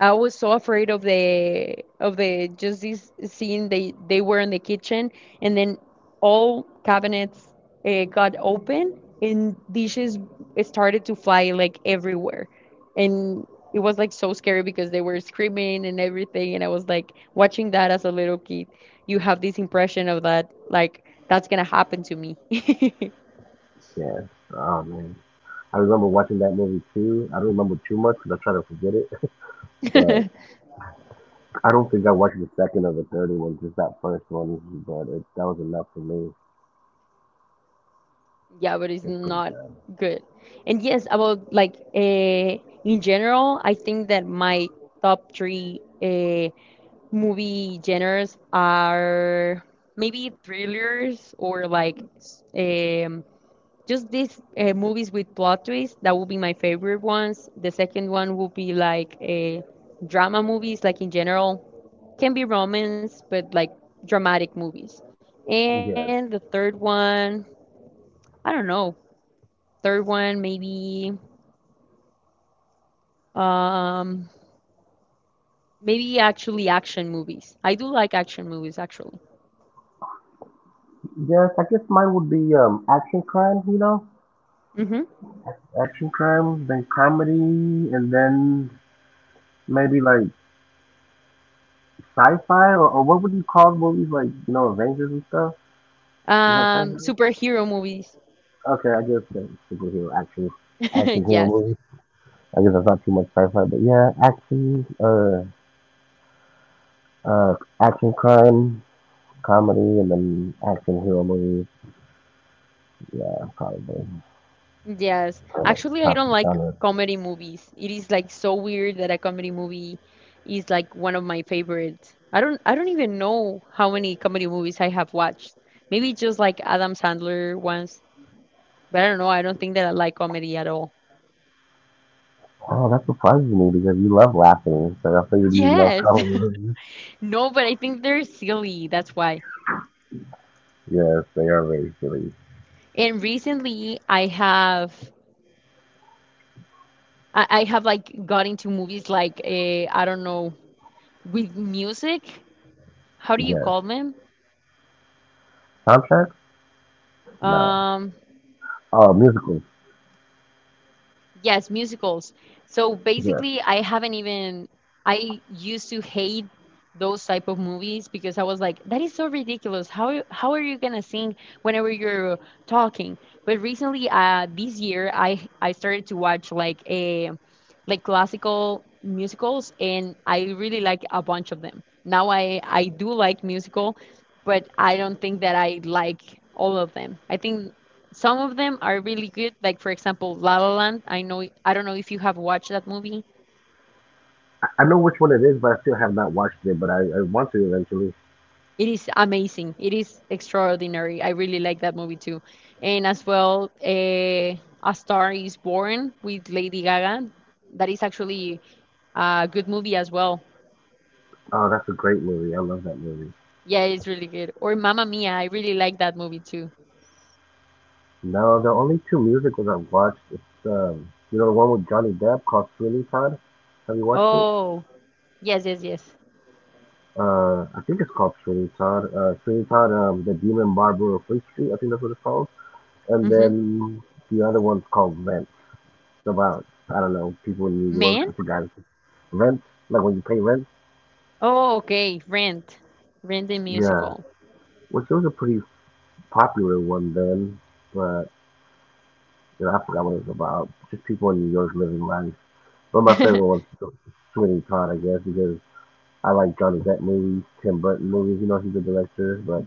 Speaker 1: I was so afraid of the just this scene, they were in the kitchen, and then all cabinets got open and dishes started to fly like everywhere, and it was like so scary because they were screaming and everything, and I was like watching that as a little kid, you have this impression of that like that's gonna happen to me.
Speaker 2: Yeah. Oh man, I remember watching that movie too. I don't remember too much because I try to forget it, (laughs) but
Speaker 1: (laughs)
Speaker 2: I don't think I watched the second or the third one, just that first one. But it, that was enough for me.
Speaker 1: Yeah, but it's
Speaker 2: It's pretty
Speaker 1: not
Speaker 2: bad.
Speaker 1: good. And yes, about like in general, I think that my top three movie genres are maybe thrillers, or like s- just these movies with plot twists. That would be my favorite ones. The second one would be like drama movies, like in general, can be romance, but like dramatic movies. And the
Speaker 2: Yeah.
Speaker 1: third one, I don't know. Third one, maybe um maybe actually action movies. I do like action movies actually.
Speaker 2: Yes, I guess mine would be action crime, you know?
Speaker 1: Hmm.
Speaker 2: Action crime, then comedy, and then maybe like sci-fi or what would you call movies like, you know, Avengers and stuff? Is that sci-fi?
Speaker 1: Superhero movies.
Speaker 2: Okay, I guess that's superhero action action
Speaker 1: (laughs)
Speaker 2: hero
Speaker 1: Yes.
Speaker 2: movie. I guess that's not too much sci-fi, but yeah, uh action crime, comedy and then action hero movies. Yeah, probably.
Speaker 1: Yes.
Speaker 2: Pretty much
Speaker 1: Actually, I
Speaker 2: top
Speaker 1: don't like
Speaker 2: genres.
Speaker 1: comedy movies. It is like so weird that a comedy movie is like one of my favorites. I don't even know how many comedy movies I have watched. Maybe just like Adam Sandler ones, but I don't know. I don't think that I like comedy at all.
Speaker 2: Oh, that surprises me because you love laughing, so I figured you love
Speaker 1: Yes.
Speaker 2: comedy movies.
Speaker 1: (laughs) No, but I think they're silly. That's why.
Speaker 2: Yes, they are very silly.
Speaker 1: And recently, I have like got into movies like I don't know, with music. How do you
Speaker 2: Yes.
Speaker 1: call them?
Speaker 2: Soundtracks? No.
Speaker 1: Um,
Speaker 2: Oh, musicals.
Speaker 1: Yes, musicals. So
Speaker 2: Yeah.
Speaker 1: basically, I haven't even I used to hate those type of movies because I was like, that is so ridiculous. How are you gonna sing whenever you're talking? But recently, this year, I started to watch like a like classical musicals, and I really like a bunch of them. Now I do like musical, but I don't think that I like all of them. I think some of them are really good, like for example, La La Land. I don't know if you have watched that movie.
Speaker 2: I know which one it is, but I still have not watched it, but I want to eventually.
Speaker 1: It is amazing. It is extraordinary. I really like that movie too. And as well, A Star is Born with Lady Gaga. That is actually a good movie as well.
Speaker 2: Oh, that's a great movie. I love that movie.
Speaker 1: Yeah, it's really good. Or Mamma Mia. I really like that movie too.
Speaker 2: No, the only two musicals I've watched is, you know, the one with Johnny Depp called Sweeney Todd. Have you watched it?
Speaker 1: Oh, yes, yes, yes.
Speaker 2: I think it's called Sweeney Todd. Sweeney Todd, The Demon Barber of Fleet Street. I think that's what it's called. And
Speaker 1: Mm-hmm.
Speaker 2: then the other one's called Rent. It's about I don't know people in New York. I
Speaker 1: Man?
Speaker 2: forgot. Rent, like when you pay rent.
Speaker 1: Oh, okay. Rent. Rent the
Speaker 2: Yeah,
Speaker 1: musical.
Speaker 2: which was a pretty popular one then, but you know, I forgot what it was about. Just people in New York living life. One of my favorite
Speaker 1: (laughs)
Speaker 2: ones, is Sweeney Todd, I guess, because I like Johnny Depp movies, Tim Burton movies. You know, he's a director,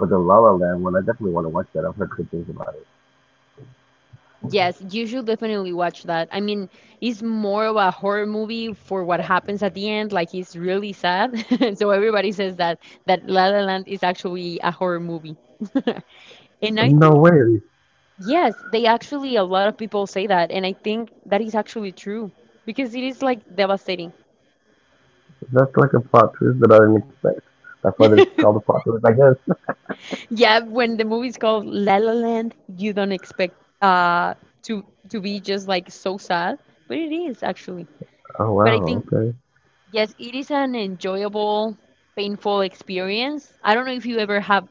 Speaker 2: but the La La Land one, I definitely want to watch that. I've heard good things about it.
Speaker 1: Yes, you should definitely watch that. I mean, it's more of a horror movie for what happens at the end. Like it's really sad. (laughs) So everybody says that La La Land is actually a horror movie. (laughs) And I
Speaker 2: No
Speaker 1: think
Speaker 2: way.
Speaker 1: yes, they actually a lot of people say that, and I think that is actually true because it is like devastating.
Speaker 2: That's like a plot twist that I didn't expect. That's why it's called a
Speaker 1: (laughs)
Speaker 2: plot twist, I guess. (laughs)
Speaker 1: Yeah, when the movie's called La La Land, you don't expect uh to be just like so sad, but it is actually.
Speaker 2: Oh
Speaker 1: But I
Speaker 2: wow,
Speaker 1: think
Speaker 2: okay.
Speaker 1: yes, it is an enjoyable, painful experience. I don't know if you ever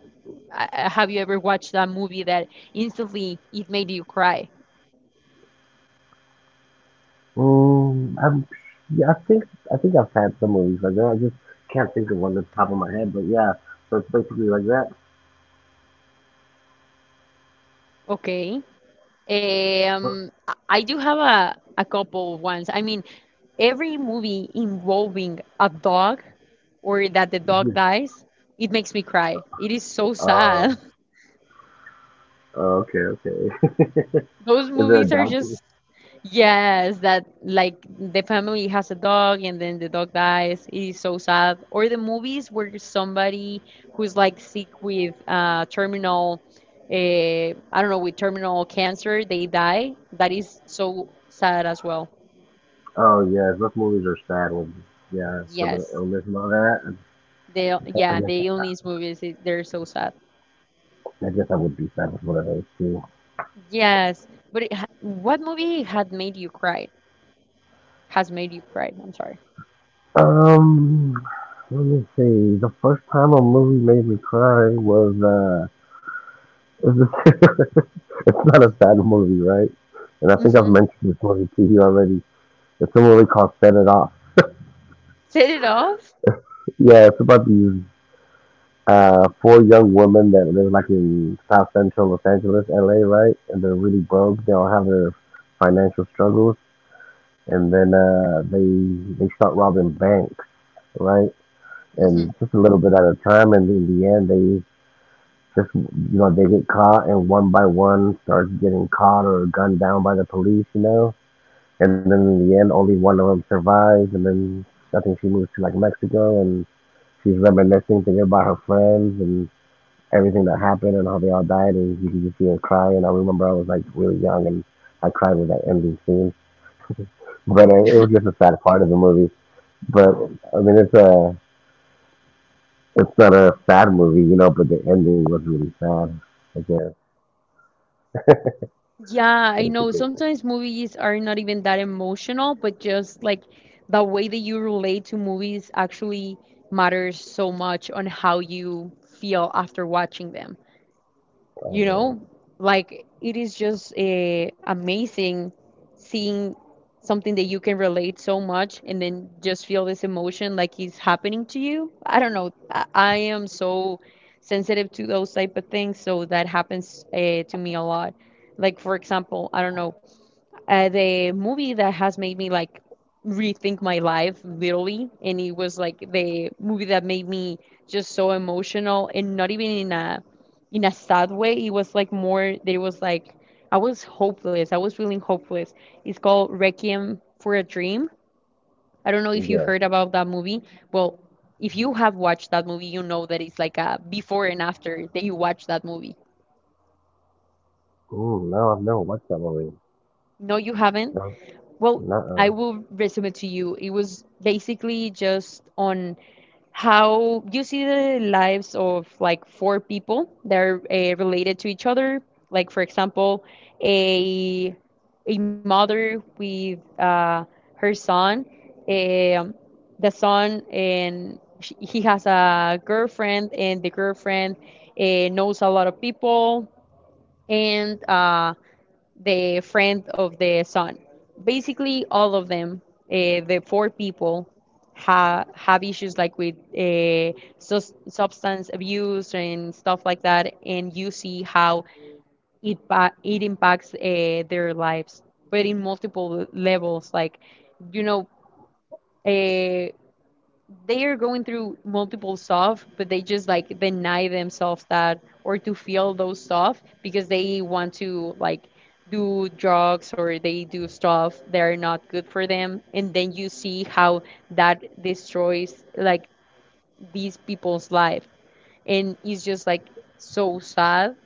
Speaker 1: have you ever watched that movie that instantly it made you cry?
Speaker 2: Um. I'm, yeah, I think I've had some movies like that. I just can't think of one at the top of my head, but yeah, so it's basically like that.
Speaker 1: Okay. I do have a couple of ones. I mean, every movie involving a dog or that the dog dies, it makes me cry. It is so
Speaker 2: (laughs) Oh,
Speaker 1: sad. (laughs)
Speaker 2: okay, okay. (laughs)
Speaker 1: Those
Speaker 2: Is there a
Speaker 1: movies are
Speaker 2: doctor?
Speaker 1: just yes, that like the family has a dog and then the dog dies. It is so sad. Or the movies where somebody who's like sick with terminal I don't know, with terminal cancer, they die. That is so sad as well.
Speaker 2: Oh yeah, those movies are sad ones. Yeah, terminal
Speaker 1: Yes.
Speaker 2: illness and all that.
Speaker 1: They yeah,
Speaker 2: I guess
Speaker 1: the illness movies, they're so sad.
Speaker 2: I guess I would be sad with one of those too.
Speaker 1: Yes. But what movie had made you cry? Has made you cry? I'm sorry.
Speaker 2: Um, let me see. The first time a movie made me cry was (laughs) it's not a bad movie, right? And I think I've
Speaker 1: Mm-hmm.
Speaker 2: mentioned this movie to you already. It's a movie called Set It Off.
Speaker 1: Set it off?
Speaker 2: Yeah, it's about these four young women that live like in South Central Los Angeles, LA, right? And they're really broke. They all have their financial struggles, and then they start robbing banks, right? And just a little bit at a time, and in the end, they just you know they get caught, and one by one starts getting caught or gunned down by the police, you know. And then in the end, only one of them survives. And then I think she moves to like Mexico, and she's reminiscing, thinking about her friends and everything that happened and how they all died. And you can just see her cry. And I remember I was like really young, and I cried with that ending scene. But it was just a sad part of the movie. But I mean, it's not a sad movie. But the ending was really sad. I guess.
Speaker 1: Yeah,
Speaker 2: But
Speaker 1: I
Speaker 2: it's a
Speaker 1: know.
Speaker 2: great.
Speaker 1: Sometimes movies are not even that emotional, but just like the way that you relate to movies actually matters so much on how you feel after watching them,
Speaker 2: Oh
Speaker 1: you
Speaker 2: yeah.
Speaker 1: know, like it is just amazing seeing something that you can relate so much and then just feel this emotion like it's happening to you. I don't know. I am so sensitive to those type of things, so that happens to me a lot. Like for example, I don't know, the movie that has made me like rethink my life literally, and it was like the movie that made me just so emotional, and not even in a sad way. It was like more that it was like I was hopeless. I was feeling hopeless. It's called Requiem for a Dream. I don't know if you
Speaker 2: Yeah.
Speaker 1: heard about that movie. Well, if you have watched that movie, you know that it's like a before and after that you watch that movie.
Speaker 2: Mm, no, I've never watched that movie.
Speaker 1: No, you haven't.
Speaker 2: No.
Speaker 1: Well, I
Speaker 2: Nuh.
Speaker 1: will resume it to you. It was basically just on how you see the lives of like four people that are related to each other. Like for example, a a mother with her son, um, the son, and sh he has a girlfriend, and the girlfriend knows a lot of people, and the friend of the son. Basically, all of them, the four people, have issues like with substance abuse and stuff like that, and you see how it impacts their lives, but in multiple levels. Like, you know, uh, they are going through multiple stuff, but they just like deny themselves that or to feel those stuff because they want to like do drugs or they do stuff that are not good for them. And then you see how that destroys like these people's life. And it's just like so sad.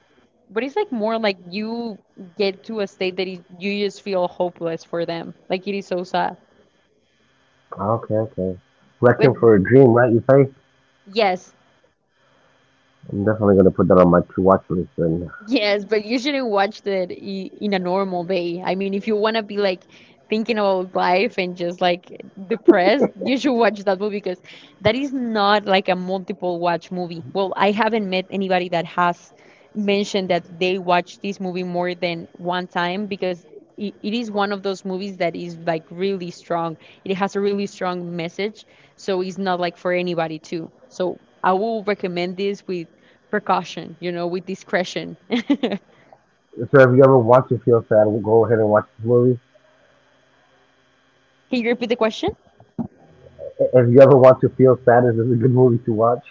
Speaker 1: But it's like more like you get to a state that is, you just feel hopeless for them. Like it is so sad.
Speaker 2: Okay, okay.
Speaker 1: But
Speaker 2: Wrecking for a Dream, right? You say?
Speaker 1: yes,
Speaker 2: I'm definitely gonna put that on my to watch list. And
Speaker 1: yes, but you shouldn't watch that in a normal way. I mean, if you want to be like thinking about life and just like depressed, you should watch that movie because that is not like a multiple watch movie. Well, I haven't met anybody that has mentioned that they watch this movie more than one time because it is one of those movies that is like really strong. It has a really strong message, so it's not like for anybody too. So I will recommend this with precaution, you know, with discretion. (laughs) Can
Speaker 2: so, if you ever want to feel sad, we'll go ahead and watch this movie.
Speaker 1: you repeat the question?
Speaker 2: If you ever want to feel sad, is this a good movie to watch?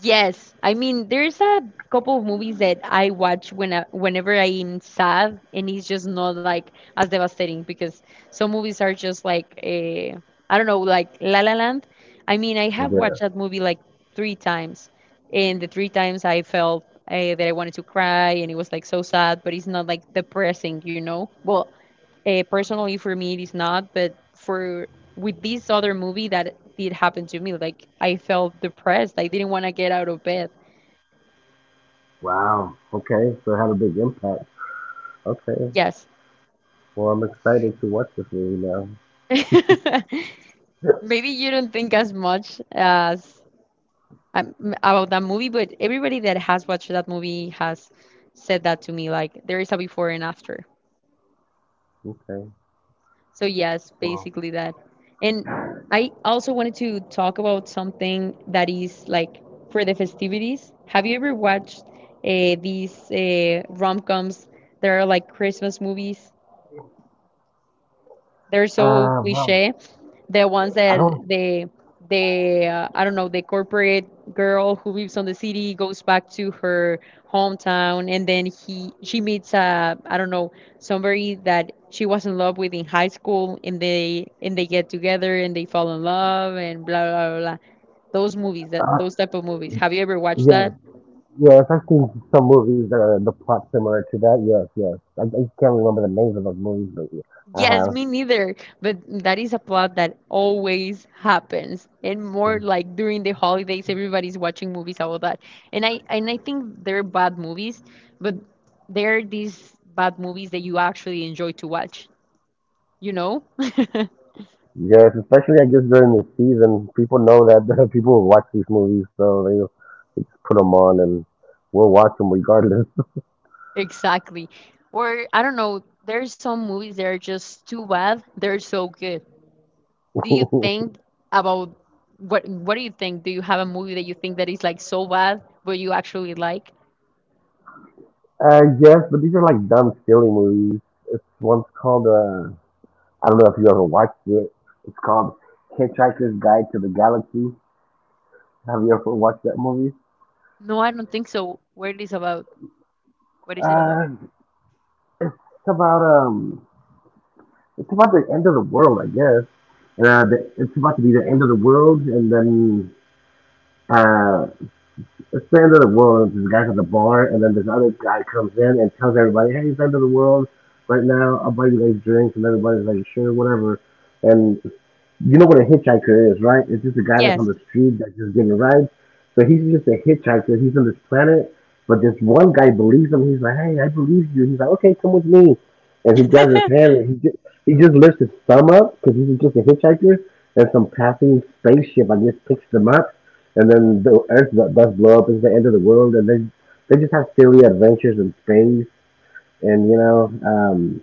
Speaker 1: Yes, I mean there's a couple of movies that I watch when whenever I'm sad, and it's just not like as devastating because some movies are just like I don't know, like La La Land. I mean, I have watched
Speaker 2: Yeah.
Speaker 1: that movie like three times, and the three times I felt that I wanted to cry, and it was like so sad, but it's not like depressing, you know? Well, personally, for me, it is not, but for with this other movie, that did happen to me. Like I felt depressed. I didn't want to get out of bed.
Speaker 2: Wow. Okay. So it had a big impact. Okay.
Speaker 1: Yes.
Speaker 2: Well, I'm excited to watch this movie now.
Speaker 1: (laughs) Maybe you don't think as much as um, about that movie, but everybody that has watched that movie has said that to me. Like there is a before and after.
Speaker 2: Okay.
Speaker 1: So yes,
Speaker 2: Well,
Speaker 1: basically that. And I also wanted to talk about something that is like for the festivities. Have you ever watched these rom-coms that are like Christmas movies? They're so
Speaker 2: well,
Speaker 1: cliche. The ones
Speaker 2: I don't.
Speaker 1: that the I don't know, the corporate girl who lives on the city goes back to her hometown, and then he she meets I don't know somebody that she was in love with in high school, and they get together and they fall in love and blah blah blah blah. Those type of movies. Have you ever watched
Speaker 2: Yeah.
Speaker 1: that?
Speaker 2: Yes, I've seen some movies that are the plot similar to that. Yes, yes. I can't remember the names of those movies, but yeah, I
Speaker 1: Yes,
Speaker 2: have.
Speaker 1: me neither. But that is a plot that always happens, and more like during the holidays, everybody's watching movies about that. And I think they're bad movies, but they're these bad movies that you actually enjoy to watch. You know? (laughs)
Speaker 2: Yes, especially I guess during the season, people know that (laughs) people will watch these movies, so they just put them on and we'll watch them regardless. (laughs)
Speaker 1: Exactly. Or I don't know. There's some movies that are just too bad. They're so good. Do you think about what? What do you think? Do you have a movie that you think that is like so bad, but you actually like?
Speaker 2: I guess, but these are like dumb, silly movies. It's one's called I don't know if you ever watched it. It's called Hitchhiker's Guide to the Galaxy. Have you ever watched that movie?
Speaker 1: No, I don't think so. What is about? What is it about?
Speaker 2: Uh, it's about it's about the end of the world, I guess. It's about to be the end of the world, and then uh, It's the End of the World. There's a guy at the bar, and then this other guy comes in and tells everybody, hey, it's the End of the World right now. I'll buy you guys drinks. And everybody's like, sure, whatever. And you know what a hitchhiker is, right? It's just a guy that's
Speaker 1: Yes.
Speaker 2: on the street that's just getting rides. So he's just a hitchhiker. He's on this planet, but this one guy believes him. He's like, "Hey, I believe you." He's like, "Okay, come with me," and he grabs his
Speaker 1: (laughs)
Speaker 2: hand and he just lifts his thumb up because he's just a hitchhiker, and some passing spaceship I guess picks them up, and then the Earth does blow up. It's the end of the world, and they just have silly adventures in space, and you know.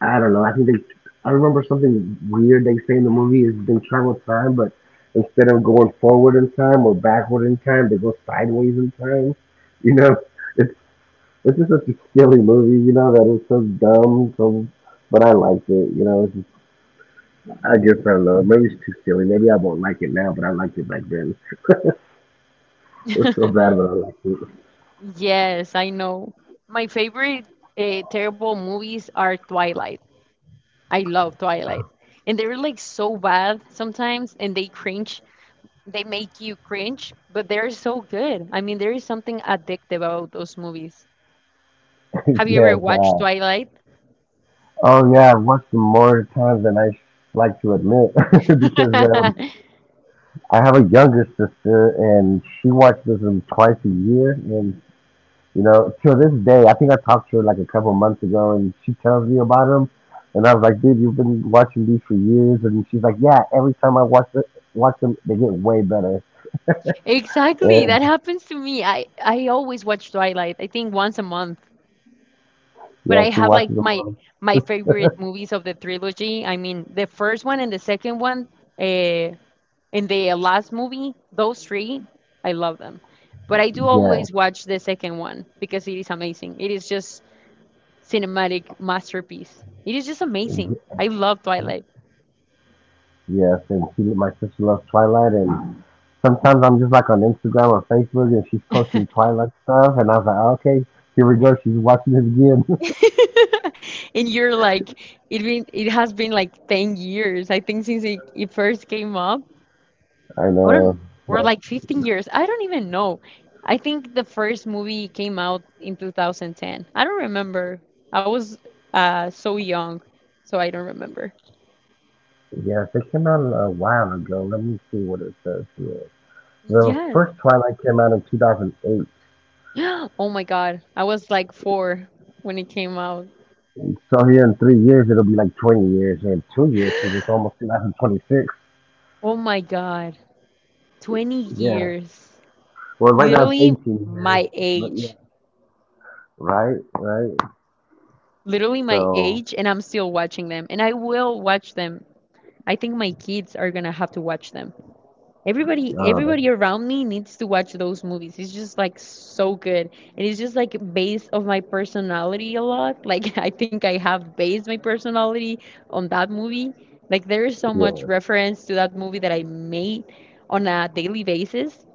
Speaker 2: I don't know. I think they. I remember something weird they say in the movie is they travel time, but instead of going forward in time or backward in time, they go sideways in time. You know, it's it's just such a silly movie. You know that it's so dumb. So, but I liked it. It's just, I guess I don't know. Maybe it's too silly. Maybe I won't like it now, but I liked it back then. (laughs) It was so bad, but I liked
Speaker 1: Yes, I know. My favorite terrible movies are Twilight. I love Twilight. And they're like so bad sometimes and they cringe. They make you cringe, but they're so good. I mean, there is something addictive about those movies.
Speaker 2: it.
Speaker 1: Have
Speaker 2: (laughs)
Speaker 1: you ever
Speaker 2: Yes.
Speaker 1: watched Twilight?
Speaker 2: Oh yeah, I've watched them more times than I like to admit (laughs) because
Speaker 1: (laughs)
Speaker 2: I have a younger sister, and she watches them twice a year. And till this day, I think I talked to her like a couple months ago, and she tells me about them. And I was like, "Dude, you've been watching these for years." And she's like, "Yeah, every time watch them, they get way better."
Speaker 1: Exactly,
Speaker 2: And
Speaker 1: that happens to me. I always watch Twilight. I think once a month. But
Speaker 2: yeah,
Speaker 1: I
Speaker 2: she
Speaker 1: have like
Speaker 2: watches them all.
Speaker 1: my favorite movies of the trilogy. I mean, the first one and the second one, uh, and the last movie, those three, I love them. But I do
Speaker 2: Yeah,
Speaker 1: always watch the second one because it is amazing. It is just cinematic masterpiece. It is just amazing. I love Twilight.
Speaker 2: yes. And my sister loves Twilight, and sometimes I'm just like on Instagram or Facebook, and she's posting Twilight stuff, and I was like, "Okay, here we go. She's watching it again." (laughs)
Speaker 1: (laughs) And you're like, it has been like 10 years, I think, since it first came up.
Speaker 2: I
Speaker 1: I don't,
Speaker 2: know.
Speaker 1: we're
Speaker 2: But
Speaker 1: like 15 years. I don't even know. I think the first movie came out in 2010. I don't remember. I was so young, so I don't remember.
Speaker 2: yes, it came out a while ago. Let me see what it says here. The
Speaker 1: Yes.
Speaker 2: first Twilight came out in 2008.
Speaker 1: (gasps) Oh my God. I was like four when it came out.
Speaker 2: So here in 3 years, it'll be like 20 years, or in 2 years, because it's almost 2026.
Speaker 1: Oh my God. 20
Speaker 2: Yeah.
Speaker 1: years.
Speaker 2: Well, right now it's
Speaker 1: Literally
Speaker 2: 18 years,
Speaker 1: my
Speaker 2: but yeah.
Speaker 1: age.
Speaker 2: Right, right.
Speaker 1: Literally my
Speaker 2: So,
Speaker 1: age, and I'm still watching them. And I will watch them. I think my kids are gonna have to watch them. Everybody,
Speaker 2: uh, that,
Speaker 1: everybody around me needs to watch those movies. It's just like so good, and it's just like based of my personality a lot. Like (laughs) I think I have based my personality on that movie. Like there is so much
Speaker 2: yeah.
Speaker 1: reference to that movie that I made on a daily basis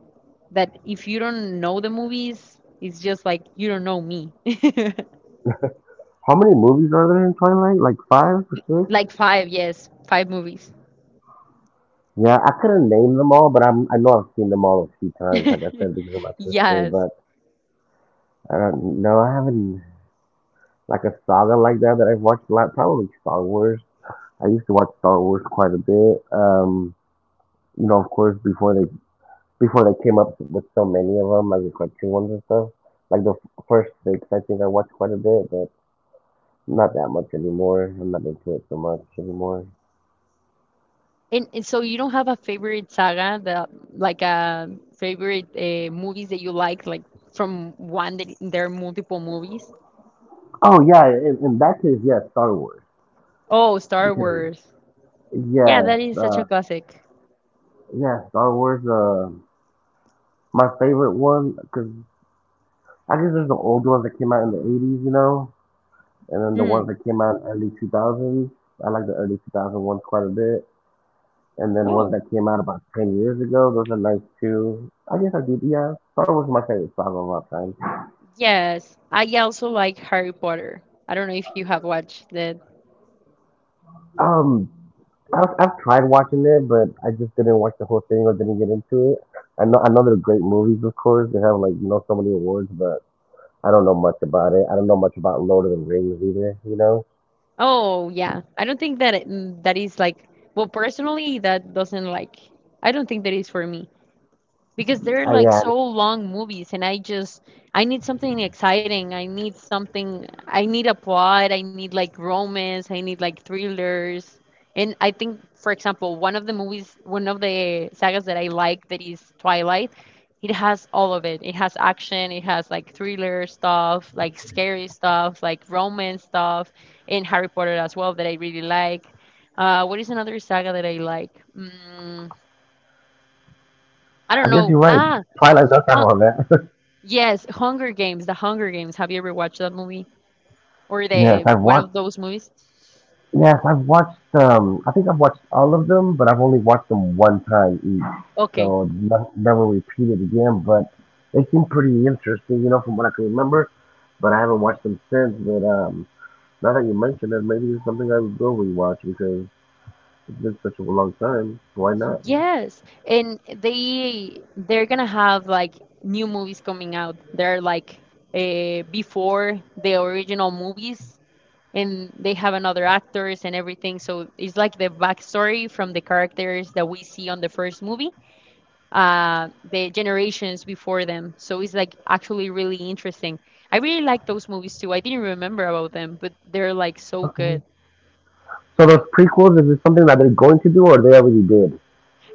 Speaker 1: that if you don't know the movies, it's just like you don't know me.
Speaker 2: How many movies are there in Twilight? Like five or
Speaker 1: (laughs)
Speaker 2: six?
Speaker 1: Like five, yes, five movies.
Speaker 2: Yeah, I couldn't name them all, but I know I've seen them all a few times, like I
Speaker 1: (laughs)
Speaker 2: said, because of my sister.
Speaker 1: Yes.
Speaker 2: But I don't know. I haven't. Like a saga like that that I've watched a lot. Probably Star Wars. I used to watch Star Wars quite a bit. Of course, before they came up with so many of them, like the cartoon ones and stuff. Like the first six, I think I watched quite a bit, but not that much anymore. I'm not into it so much anymore.
Speaker 1: And so you don't have a favorite saga that like a favorite movies that you like from one that there are multiple movies?
Speaker 2: Oh yeah, in that case, yeah, Star Wars
Speaker 1: Oh, Star
Speaker 2: because
Speaker 1: Wars. Yeah, that
Speaker 2: yes,
Speaker 1: is such a classic.
Speaker 2: yeah, Star Wars. My favorite one because I guess there's the old ones that came out in the '80s, and then the
Speaker 1: Mm.
Speaker 2: ones that came out in early 2000s. I like the early 2000 ones quite a bit. And then ones
Speaker 1: Oh.
Speaker 2: that came out about 10 years ago, those are nice too. I guess I did, yeah. Star Wars is my favorite saga of all time.
Speaker 1: Yes, I also like Harry Potter. I don't know if you have watched that.
Speaker 2: Um, I've tried watching it, but I just didn't watch the whole thing or didn't get into it. I know they're great movies, of course. They have like, so many awards, but I don't know much about it. I don't know much about Lord of the Rings either, you know?
Speaker 1: Oh, yeah. I don't think that that is like well, personally that doesn't like I don't think that is for me, because they're like
Speaker 2: Yeah,
Speaker 1: so long movies and I need something exciting, I need something, I need a plot, I need like romance, I need like thrillers. And I think for example one of the sagas that I like, that is Twilight. It has all of it, it has action, it has like thriller stuff, like scary stuff, like romance stuff. And Harry Potter as well, that I really like. What is another saga that I like? I don't
Speaker 2: I guess
Speaker 1: know.
Speaker 2: you're right. Twilight does have
Speaker 1: Hun-
Speaker 2: all that. (laughs)
Speaker 1: Yes, Hunger Games, The Hunger Games. Have you ever watched that movie, or
Speaker 2: yes,
Speaker 1: the
Speaker 2: I've
Speaker 1: one
Speaker 2: watched
Speaker 1: of those movies?
Speaker 2: Yes, I've watched. I think I've watched all of them, but I've only watched them one time each,
Speaker 1: Okay.
Speaker 2: so no, never repeated again. But they seem pretty interesting, from what I can remember. But I haven't watched them since. But now that you mention it, maybe it's something I will rewatch because it's been such a long time. Why not?
Speaker 1: Yes, and they're gonna have like new movies coming out. They're like, before the original movies, and they have another actors and everything. So it's like the backstory from the characters that we see on the first movie, the generations before them. So it's like actually really interesting. I really like those movies too. I didn't remember about them, but they're like so good.
Speaker 2: So those prequels is it something that they're going to do, or they already did?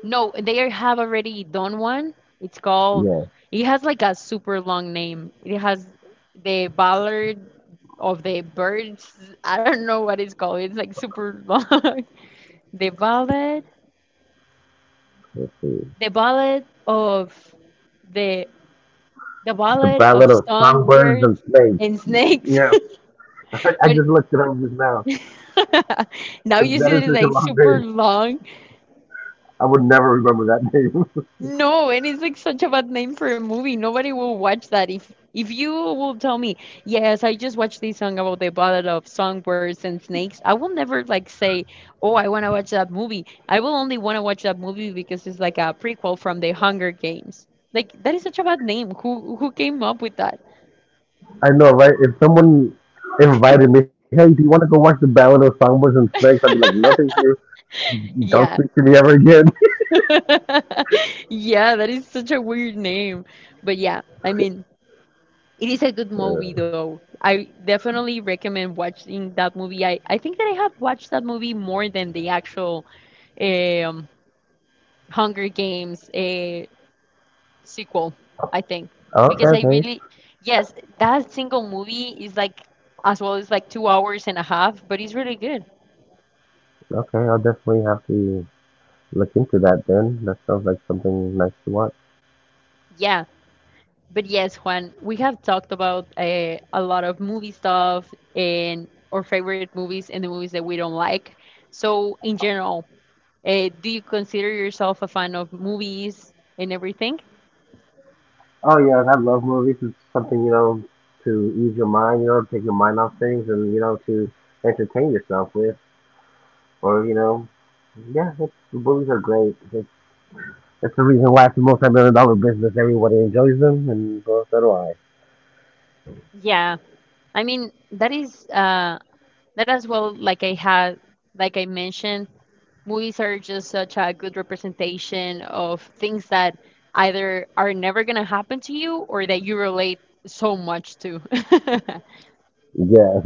Speaker 1: No, they have already done one. It's called.
Speaker 2: Yes,
Speaker 1: It has like a super long name. It has the Ballad of the Birds. I don't know what it's called. It's like super long. (laughs) The Ballad.
Speaker 2: let's see.
Speaker 1: The Ballad of the the
Speaker 2: The
Speaker 1: Ballad of
Speaker 2: Ballad of Songbirds and
Speaker 1: Songbirds
Speaker 2: Snakes.
Speaker 1: and Snakes.
Speaker 2: Yes,
Speaker 1: (laughs)
Speaker 2: (laughs) I
Speaker 1: But
Speaker 2: just looked it up just now.
Speaker 1: (laughs)
Speaker 2: (laughs)
Speaker 1: now you
Speaker 2: That
Speaker 1: see
Speaker 2: is
Speaker 1: that it's
Speaker 2: such a
Speaker 1: like
Speaker 2: long
Speaker 1: super
Speaker 2: day.
Speaker 1: long.
Speaker 2: I would never remember that name. (laughs)
Speaker 1: No, and it's like such a bad name for a movie. Nobody will watch that. If you will tell me, yes, I just watched this song about the battle of songbirds and snakes, I will never like say, oh, I want to watch that movie. I will only want to watch that movie because it's like a prequel from the Hunger Games. Like that is such a bad name. Who came up with that?
Speaker 2: I know, right? If someone invited me, hey, do you want to go watch the Ballad of Songbirds and Snakes? I'd be
Speaker 1: (laughs)
Speaker 2: like, no, thank you. Don't
Speaker 1: Yeah.
Speaker 2: speak to me ever again.
Speaker 1: (laughs) Yeah, that is such a weird name. But yeah, I mean, it is a good
Speaker 2: (laughs)
Speaker 1: movie
Speaker 2: Okay,
Speaker 1: though. I definitely recommend watching that movie. I think that I have watched that movie more than the actual um, Hunger Games sequel, I think. Because
Speaker 2: okay,
Speaker 1: I
Speaker 2: thanks.
Speaker 1: really, yes, that single movie is like, as well, it's like 2 hours and a half, but it's really good.
Speaker 2: Okay. I'll definitely have to look into that then. That sounds like something nice to watch.
Speaker 1: Yeah. But yes, Juan, we have talked about a lot of movie stuff and our favorite movies and the movies that we don't like. So, in general, do you consider yourself a fan of movies and everything?
Speaker 2: Oh yeah, I love movies. It's something to ease your mind, take your mind off things, and to entertain yourself with, or yeah, it's, movies are great. They That's the reason why it's a multi-million dollar business. Everybody enjoys them, and so, so do I.
Speaker 1: Yeah, I mean that is that as well. Like I had, like I mentioned, movies are just such a good representation of things that either are never gonna happen to you or that you relate so much to. (laughs)
Speaker 2: Yeah.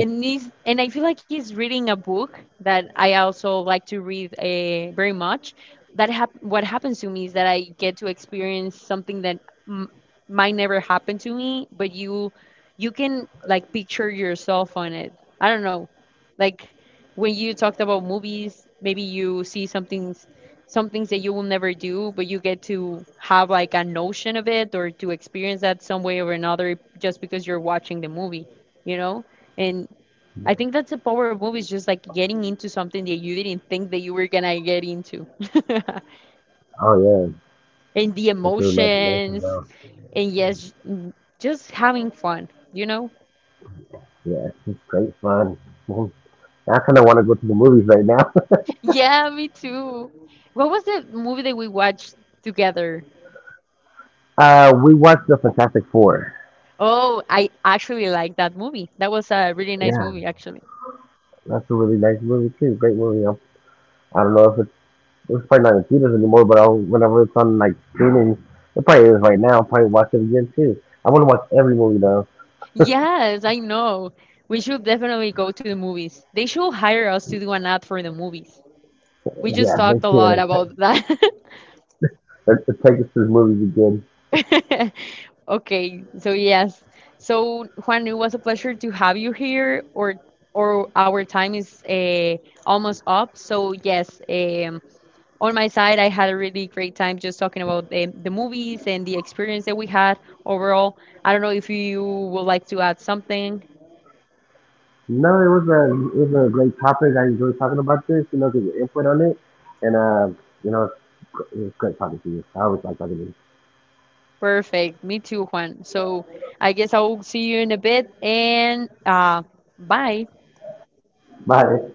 Speaker 1: And he's, and I feel like he's reading a book that I also like to read very much. That what happens to me is that I get to experience something that m- might never happen to me, but you can like picture yourself on it. I don't know, like when you talked about movies, maybe you see some things that you will never do, but you get to have like a notion of it or to experience that some way or another just because you're watching the movie, you know? And I think that's the power of movies, just like getting into something that you didn't think that you were gonna get into. (laughs)
Speaker 2: (laughs) Oh yeah.
Speaker 1: And the
Speaker 2: It's your imagination
Speaker 1: emotions,
Speaker 2: now.
Speaker 1: and yes, just having fun, you know?
Speaker 2: Yeah, it's great fun. (laughs) I kind of want to go to the movies right now.
Speaker 1: Yeah, me too. What was the movie that we watched together?
Speaker 2: (laughs) We watched The Fantastic Four.
Speaker 1: Oh, I actually like that movie. That was a really nice
Speaker 2: Yeah,
Speaker 1: movie, actually.
Speaker 2: that's a really nice movie too. Great movie. I don't know if it's it's probably not in theaters anymore, but I'll, whenever it's on like streaming, it probably is right now. I'll probably watch it again too. I want to watch every movie though.
Speaker 1: Yes, I know. We should definitely go to the movies. They should hire us to do an ad for the movies. We just
Speaker 2: Yeah, they
Speaker 1: talked a lot
Speaker 2: should.
Speaker 1: about that. (laughs)
Speaker 2: Let's take (laughs) us to the movies again.
Speaker 1: (laughs) Okay, so yes. So Juan, it was a pleasure to have you here, or our time is almost up. So yes, on my side, I had a really great time just talking about the movies and the experience that we had overall. I don't know if you would like to add something.
Speaker 2: No, it was a great topic. I enjoyed talking about this. Get your input on it, and you know, it's great talking to you. I always like talking to you.
Speaker 1: Perfect. Me too, Juan. So I guess I'll see you in a bit and bye.
Speaker 2: Bye.